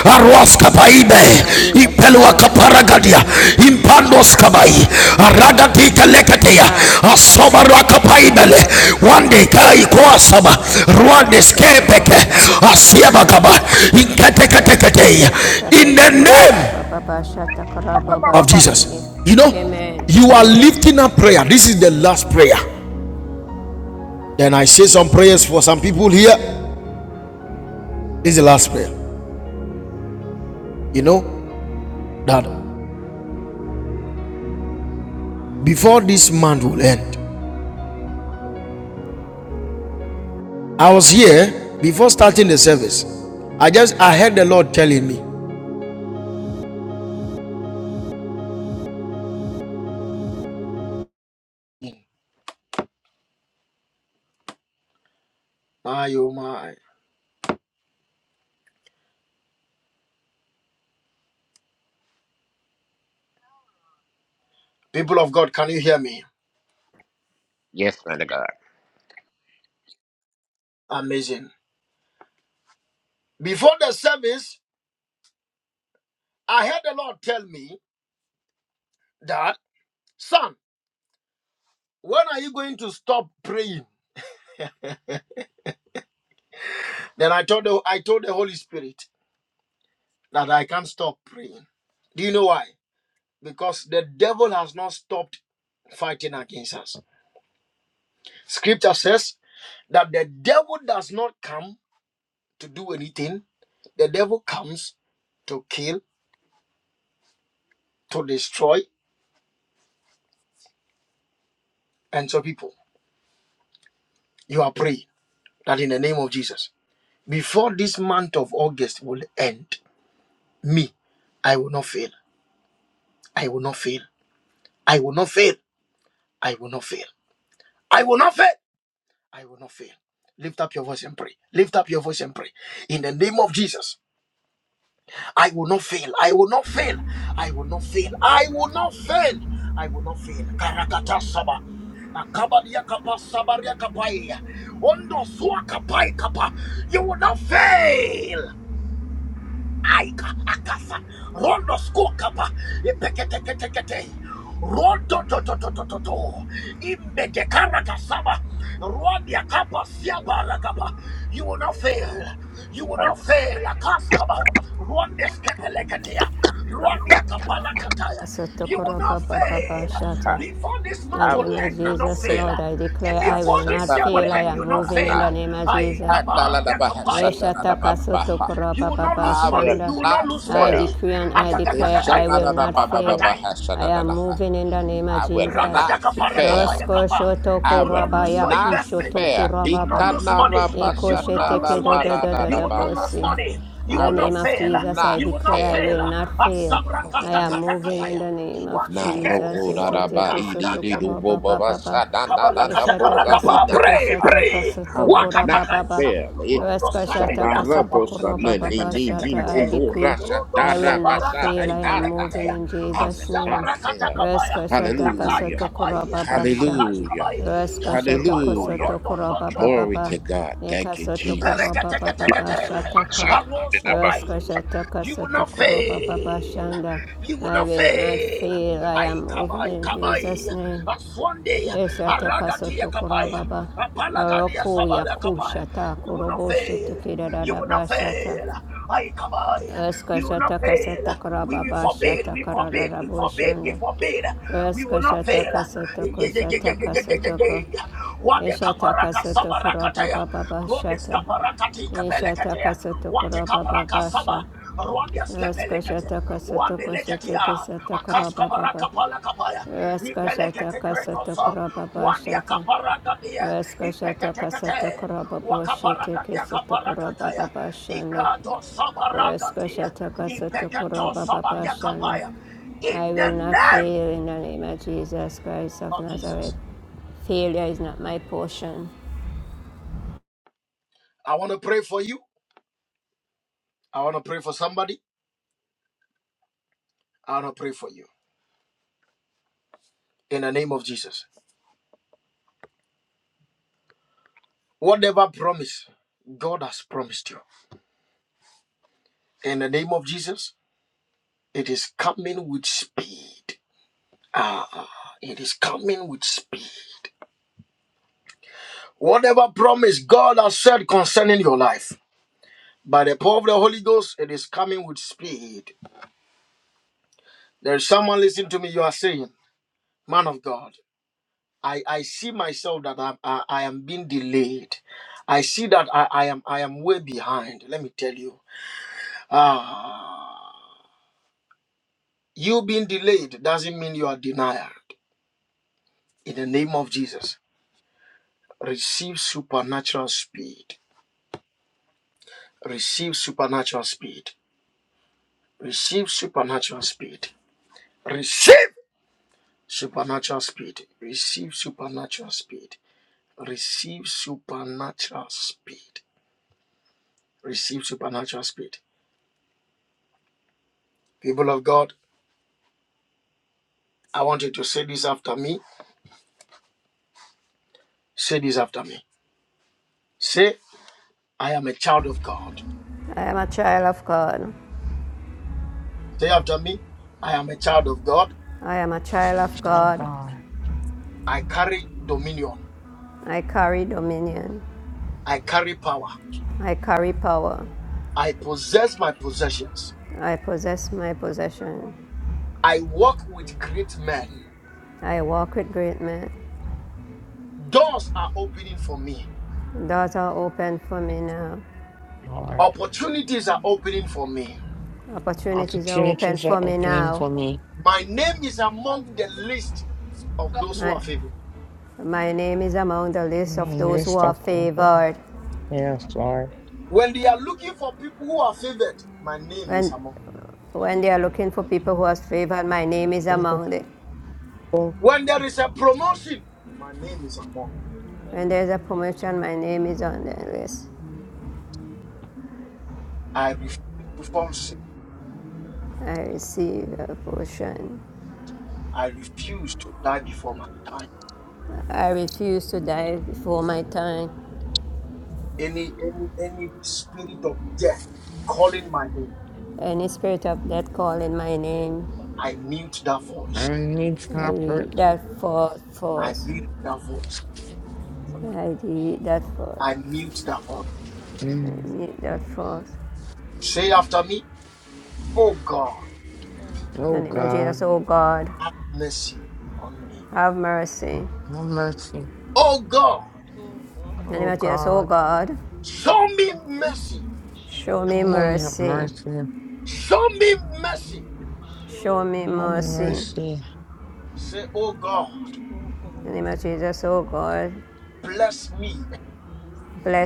S1: aruaskapaime impelua kaparagadia impandoskabai aragatiteleketea asobarakapaimele wandekaikoasaba ruandeskepeke asiabakaba inketeketeketeya in the name of jesus you know you are lifting up prayer this is the last prayer then i say some prayers for some people here this is the last prayer you know that before this month will end I was here before starting the service. I just I heard the Lord telling me. Ah, you my.
S7: Yes, man of God.
S1: By you will not fail. aika akasa rondo skokapa epeketeketekete rondo do do do do do do imbe de karakasaba rodia kapa siapa ragapa you will not fail you will not fail akaskaba ronde skepeleketea rodia kapala kataya you will not fail before this month
S7: I
S1: will
S7: will
S1: end you will
S7: not
S1: not fail
S7: fail. Ha, shatarabababa. Ha,
S1: Ebila,
S7: la,
S1: you will not
S7: I will
S1: you
S7: not fail. I will not fail. I will not
S1: investment
S7: fail.
S1: you will not lose money. You will not lose money.
S7: I will not fail. I will not fail.
S1: Wakaradadia.
S7: Na ro ro da da ba dee dee dee do bo bo ba sha da na na na bo sa ni
S1: Kabalakatakarakapa.
S7: na na.
S1: Pray,
S7: ha.
S1: pray.
S7: I will not
S1: Wakatakaisa.
S7: fail. Eh.
S1: Rondo
S7: Sha
S1: stambe
S7: na ra bo
S1: diakapa.
S7: sa na ni ni ni no
S1: Itekete.
S7: no ra sha
S1: Rondo
S7: da ra ba sha
S1: sobaraka
S7: na na na.
S1: tikelekete.
S7: I will not fail.
S1: Asabarakatakapaia. Akai
S7: Hallelujah.
S1: kapai. Akai
S7: Hallelujah.
S1: kapai. Ondo
S7: Hallelujah.
S1: dondo dondo.
S7: Glory to God. Thank you, Jesus. Son,
S1: Aroscopai. You will not fail. You will not fail. Ay kabai kabai. Aswande aragadia kapai. Apalagadia sabara kapai. You will not fail. You will not fail. I kabai. We will not fail. We forbid, we forbid, we forbid, we forbid. We will not fail. Ye- ye- ye- ye- ye- ye- ye- ye- ye. What the kaparaka sabarakatea, rod the skaparakati kapelekatea, what the kaparaka saba, rod the skepelekatea, one the lekatia, a kaskabaraka palakabaya, ipelekate krekosa, one the kaparaka dia, ipeketekate, wakaparaka dia kaparakataya, ikado sabaragatia. Ipeketo sabaria kapaya. In the name of Jesus. I want to pray for
S3: Oh, God. Lord. Opportunities are opening for me. Mhm, You're
S5: Name is among the list of people who
S3: Yes,
S5: are
S3: Lord.
S5: favored. When they are looking for people who are favored, my name is
S3: Thank you,
S5: among.
S3: Lord.
S5: When there is a promotion, my name is among. I refuse to be tagged in the spirit of death calling my name.
S3: I need
S5: I
S3: comfort.
S5: mute that voice. I mute
S3: Mhm.
S5: that voice. I mute
S3: Mhm.
S5: that voice. Oh
S3: Oh,
S5: God,
S3: God.
S5: have mercy on me.
S3: No mercy.
S5: Oh God,
S3: Oh, God.
S5: show me
S3: Hold me
S5: mercy.
S3: up, mercy.
S5: Show me
S3: Hold me,
S5: mercy.
S3: mercy.
S5: Oh God, bless me.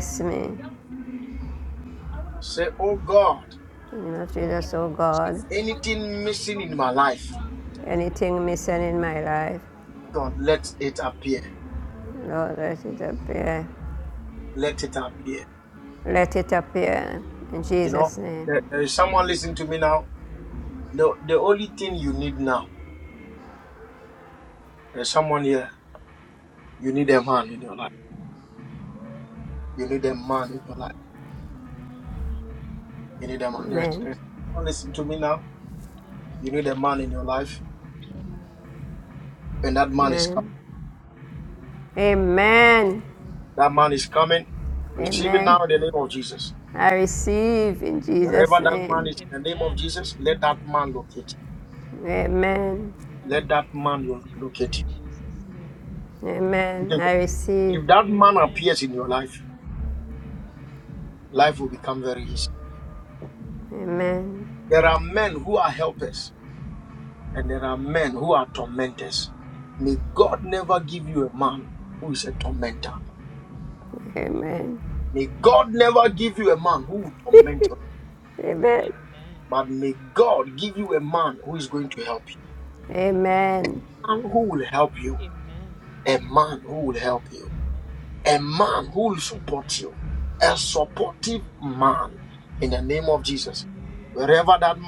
S5: Oh God, if there is anything missing in my life, Lord, let it appear. Lord, let it appear. Yeah, yeah. Amen. Amen. I receive it in Jesus' name. Amen. Amen. Amen. Yeah. Mm. Amen. Yeah. Amen. Amen. Amen. Amen. Amen.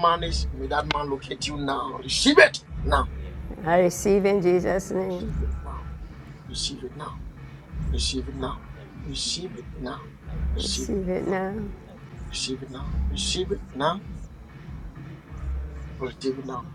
S5: Amen. Amen. Receive it in Jesus' name. I receive it. I receive it. I receive it. I receive it. I receive it. I receive it in Jesus' name.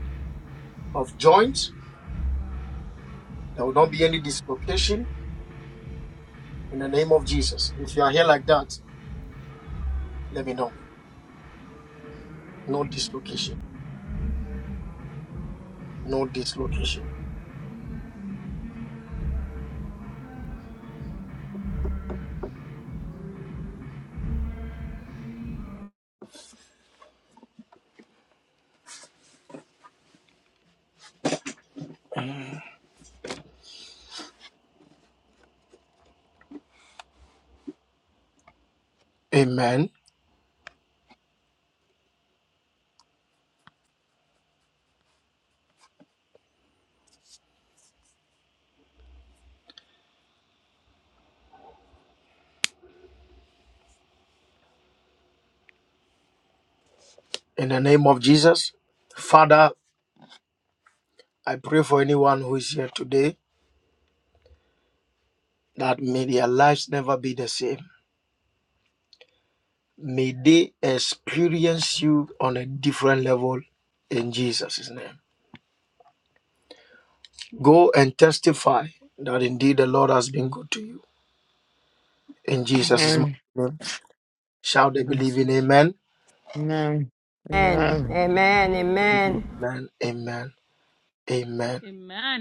S5: Amen. Mm. Amen.
S3: Amen. Amen. Amen.
S5: Amen.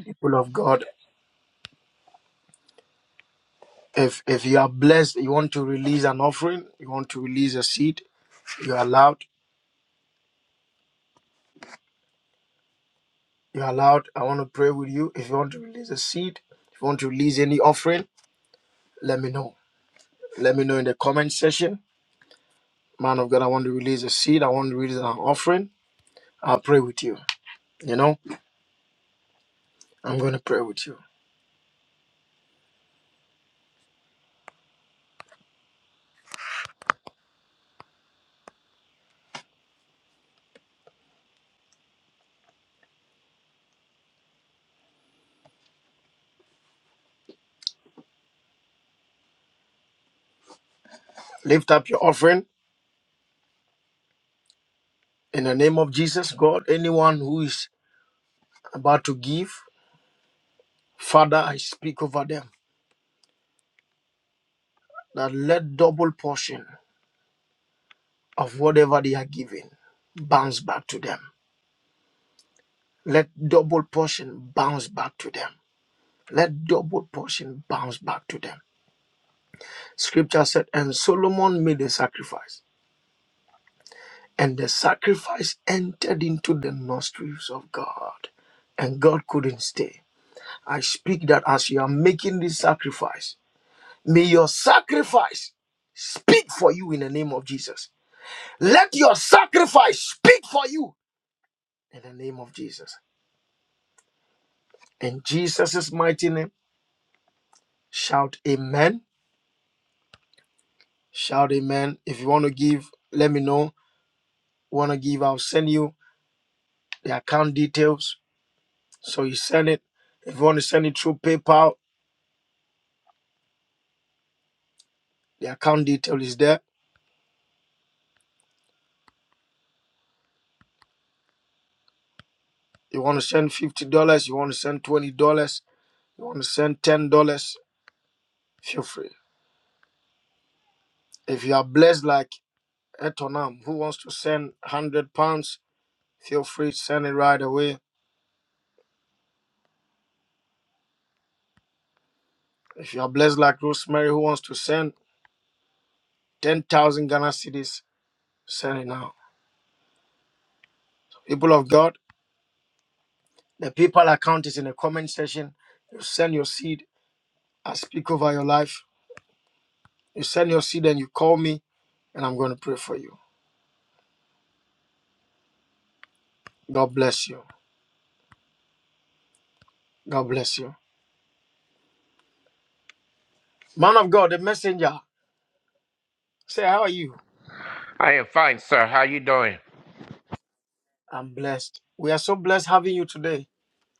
S7: I am fine, sir. How you doing?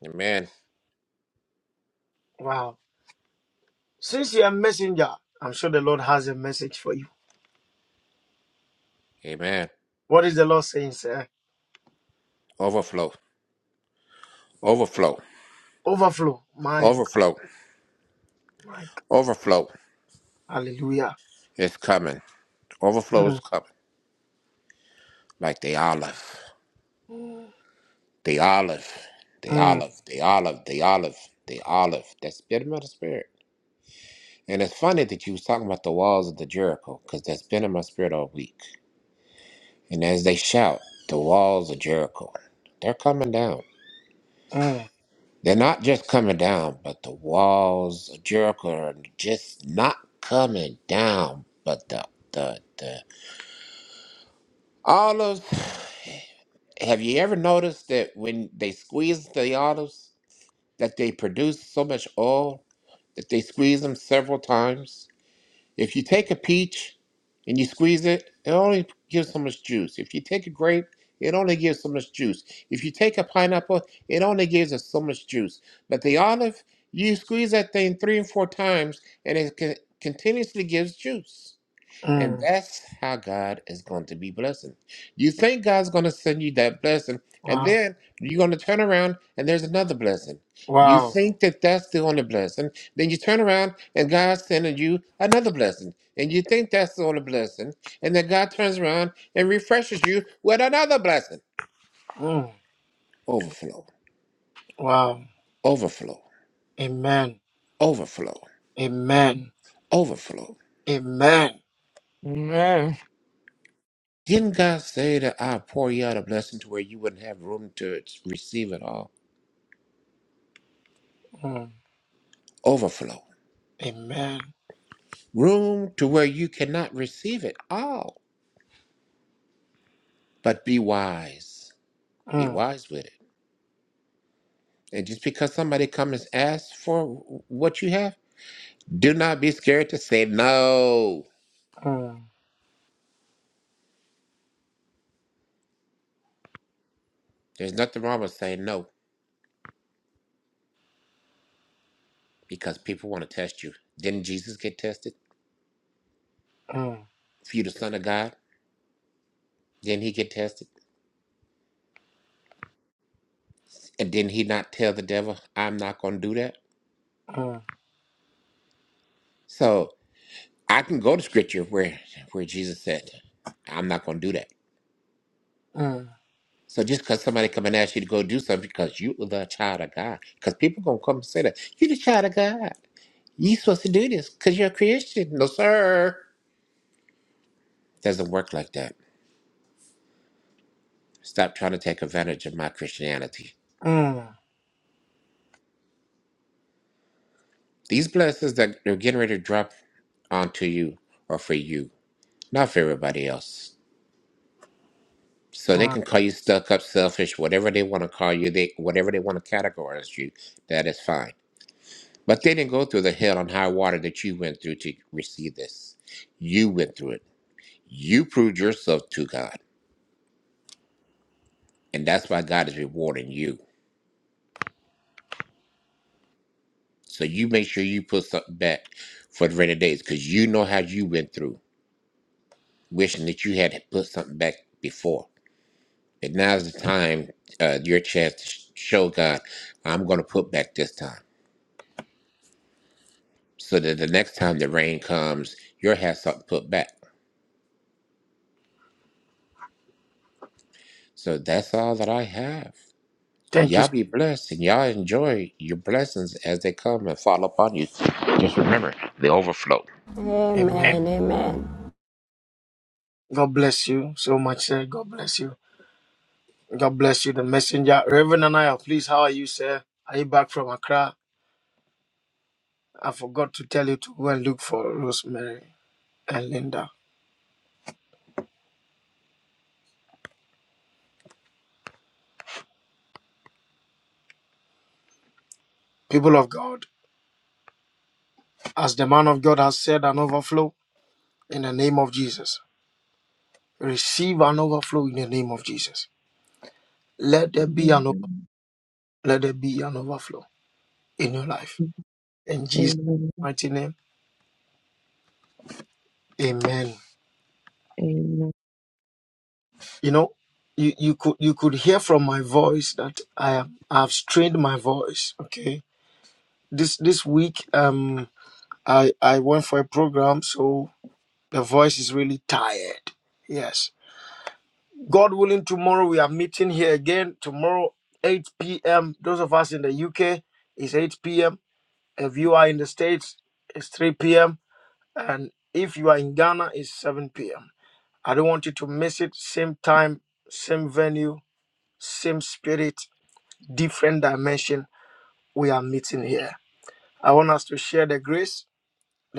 S7: Amen. Amen. Overflow, overflow, overflow, overflow is coming. Overflow is coming. Like the olive, the olive, the olive, the olive, the olive, the olive. That's been in my spirit. And it's funny that you was talking about the walls of the Jericho, because that's been in my spirit all week. And as they shout, the walls of Jericho, they're coming down. They're not just coming down, but the walls of Jericho are just not coming down, but the the the olives Have you ever noticed that when they squeeze the olives, that they produce so much oil that they squeeze them several times? If you take a peach and you squeeze it, it only gives so much juice. If you take a grape, it only gives so much juice. If you take a pineapple, it only gives us so much juice. But the olive, you squeeze that thing three and four times, and it con- continuously gives juice. And that's how God is going to be blessing. You think God's going to send you that blessing, and then you're going to turn around and there's another blessing. You think that that's the only blessing, then you turn around and God's sending you another blessing. And you think that's the only blessing, and then God turns around and refreshes you with another blessing. Overflow, overflow, overflow, overflow.
S3: Amen.
S7: Didn't God say that I'll pour you out a blessing to where you wouldn't have room to receive it all? Overflow room to where you cannot receive it all. But be wise. Be wise with it. And just because somebody comes and asks for what you have, do not be scared to say no. There's nothing wrong with saying no because people want to test you. Didn't Jesus get tested? If you the son of God, didn't he get tested? And didn't he not tell the devil, I'm not gonna do that? So I can go to scripture where where Jesus said, I'm not gonna do that. So just because somebody come and ask you to go do something because you are the child of God, because people gonna come and say that you the child of God, you supposed to do this because you're a Christian. No, sir, doesn't work like that. Stop trying to take advantage of my Christianity. These blessings that they're getting ready to drop onto you are for you, not for everybody else. So they can call you stuck up, selfish, whatever they want to call you, they whatever they want to categorize you. That is fine But they didn't go through the hell and high water that you went through to receive this. You went through it. You proved yourself to God. And that's why God is rewarding you. So you make sure you put something back for the rainy days because you know how you went through, wishing that you had put something back before. And now's the time, uh, your chance to sh- show God, I'm going to put back this time. So that the next time the rain comes, you'll have something put back. So that's all that I have. Y'all be blessed and y'all enjoy your blessings as they come and fall upon you. Just remember the overflow.
S8: Amen. Amen. Amen.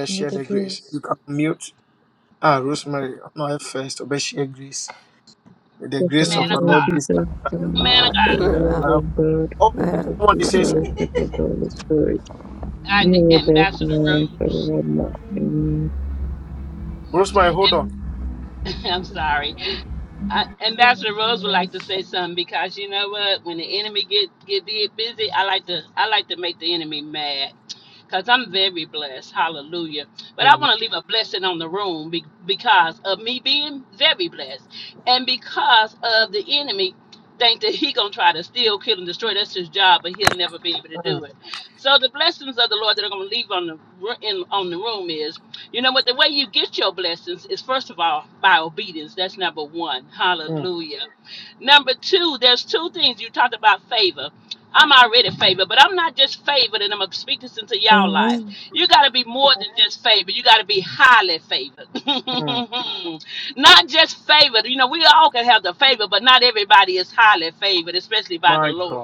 S9: May the grace.
S8: Yes, our
S10: Man of
S8: Lord
S10: God,
S8: Jesus Christ,
S10: man of
S8: the
S10: God,
S8: love of God, and the sweet fellowship of the Holy Spirit,
S10: I,
S8: be with us
S10: Ambassador
S8: now and
S10: Rose,
S8: forevermore.
S9: Amen.
S8: Amen.
S10: and I'm sorry, I, Ambassador Rose would
S9: Amen.
S10: like to say something because you know what? When the enemy get get big busy, I like to I like to make the enemy mad. because I'm very blessed. Hallelujah. But I want to leave a blessing on the room be- because of me being very blessed and because of the enemy think that he gonna try to steal, kill, and destroy. That's his job, but he'll never be able to do it. So the blessings of the Lord that are gonna leave on the ru- in, on the room is, you know what? The way you get your blessings is first of all by obedience. That's number one. Hallelujah. Number two, there's two things you talked about favor. I'm already favored, but I'm not just favored, and I'm gonna speak this into y'all life. You gotta be more than just favored. You gotta be highly favored, not just favored. You know, we all can have the favor, but not everybody is highly favored, especially by the Lord.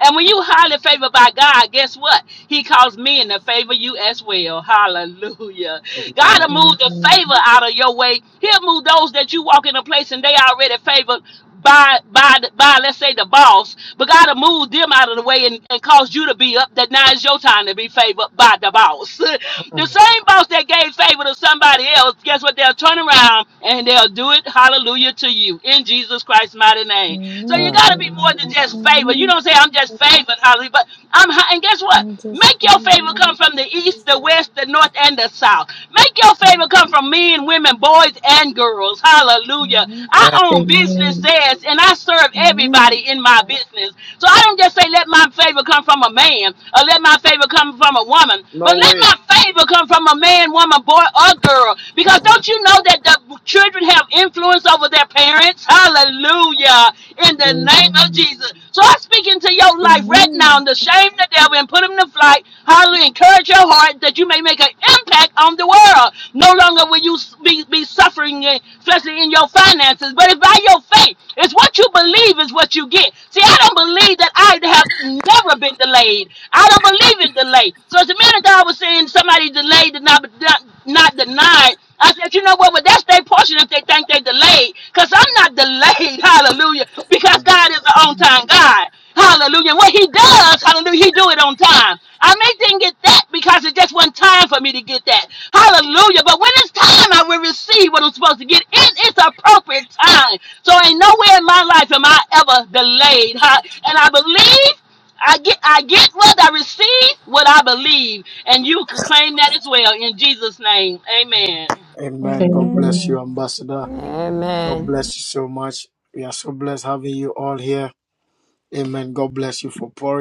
S10: And when you highly favored by God, guess what? He calls men to favor you as well. Hallelujah. God will move the
S8: Amen.
S10: favor out of your way. He'll move those that you walk in a place and they already favored by by by let's say the boss, but God will move them out of the way and, and cause you to be up that now is your time to be favored by the boss. the same boss that gave favor to somebody else, guess what? They'll turn around and they'll do it, hallelujah, to you in Jesus Christ's mighty name. So you gotta got to be more than
S8: Amen.
S10: just favor. You
S9: Amen.
S10: don't say I'm just favored, Holly, but I'm. hi- And guess what?
S9: I'm just
S10: Make your favor come
S9: Amen.
S10: from the east, the west, the north, and the south. Make your favor come from men, women, boys, and girls. Hallelujah. I own
S8: Amen.
S10: businesses and I serve
S9: Amen.
S10: everybody in my business. So I don't just say, let my favor come from a man or let my favor come from a woman, but let my favor come from a man, woman, boy, or girl. Because don't you know that the children have influence over their parents? Hallelujah! Hallelujah. In the name of
S8: Amen.
S10: Jesus. So I am speaking to your life right now and
S9: Amen.
S10: to shame the devil and put him to flight. Hallelujah. Encourage your heart that you may make an impact on the world. No longer will you be, be suffering, in- especially in your finances, but it's by your faith. It's what you believe is what you get. See, I don't believe that I have never been delayed. I don't believe in delay. So as the minute that I was saying somebody delayed and not, not, not denied, I said, you know what? Well, that's their portion if they think they delayed because I'm not delayed. Hallelujah. Because God is an on time God. Hallelujah. What he does, hallelujah, he do it on time. I may didn't get that because it just wasn't time for me to get that. Hallelujah. But when it's time, I will receive what I'm supposed to get in its appropriate time. So ain't nowhere in my life am I ever delayed. Huh? And I believe I get I get what I receive, what I believe. And you can claim that as well in Jesus' name. Amen.
S9: Amen.
S8: Amen.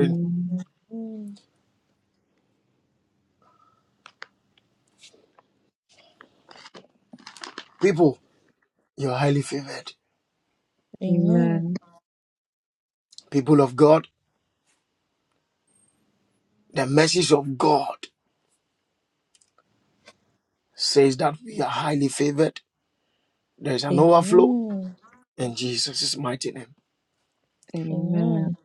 S8: Amen.
S9: Amen. Amen. Amen.
S8: Amen.
S9: Amen. Amen.
S8: Amen.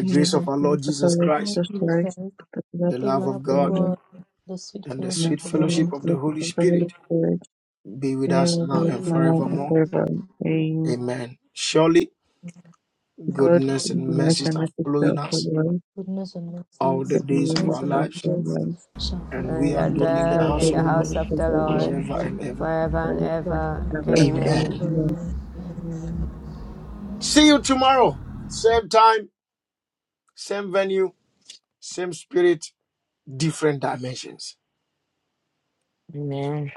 S8: May the Lord of the Lord
S9: Lord
S8: Jesus
S9: Jesus Christ,
S8: Christ, the love
S9: the
S8: of
S9: love
S8: God,
S9: of God, the sweet fellowship
S8: and
S9: of the
S8: the
S9: Holy Spirit.
S8: fellowship of the Holy Spirit, There was a
S9: be
S8: smile of
S9: with you.
S8: favor, saying, God, goodness
S9: Amen.
S8: and mercy shall follow us,
S9: Goodness and mercy,
S8: the enemies
S9: signs and
S8: of their
S9: grace
S8: lives,
S9: shall follow me
S8: and we shall
S9: of
S8: dwell
S9: my
S8: in the
S9: life,
S8: land of the
S9: and we shall
S8: Lord
S9: dwell
S8: forever
S9: in
S8: and
S9: the Lord
S8: ever. Amen.
S9: forever. and ever.
S3: Amen.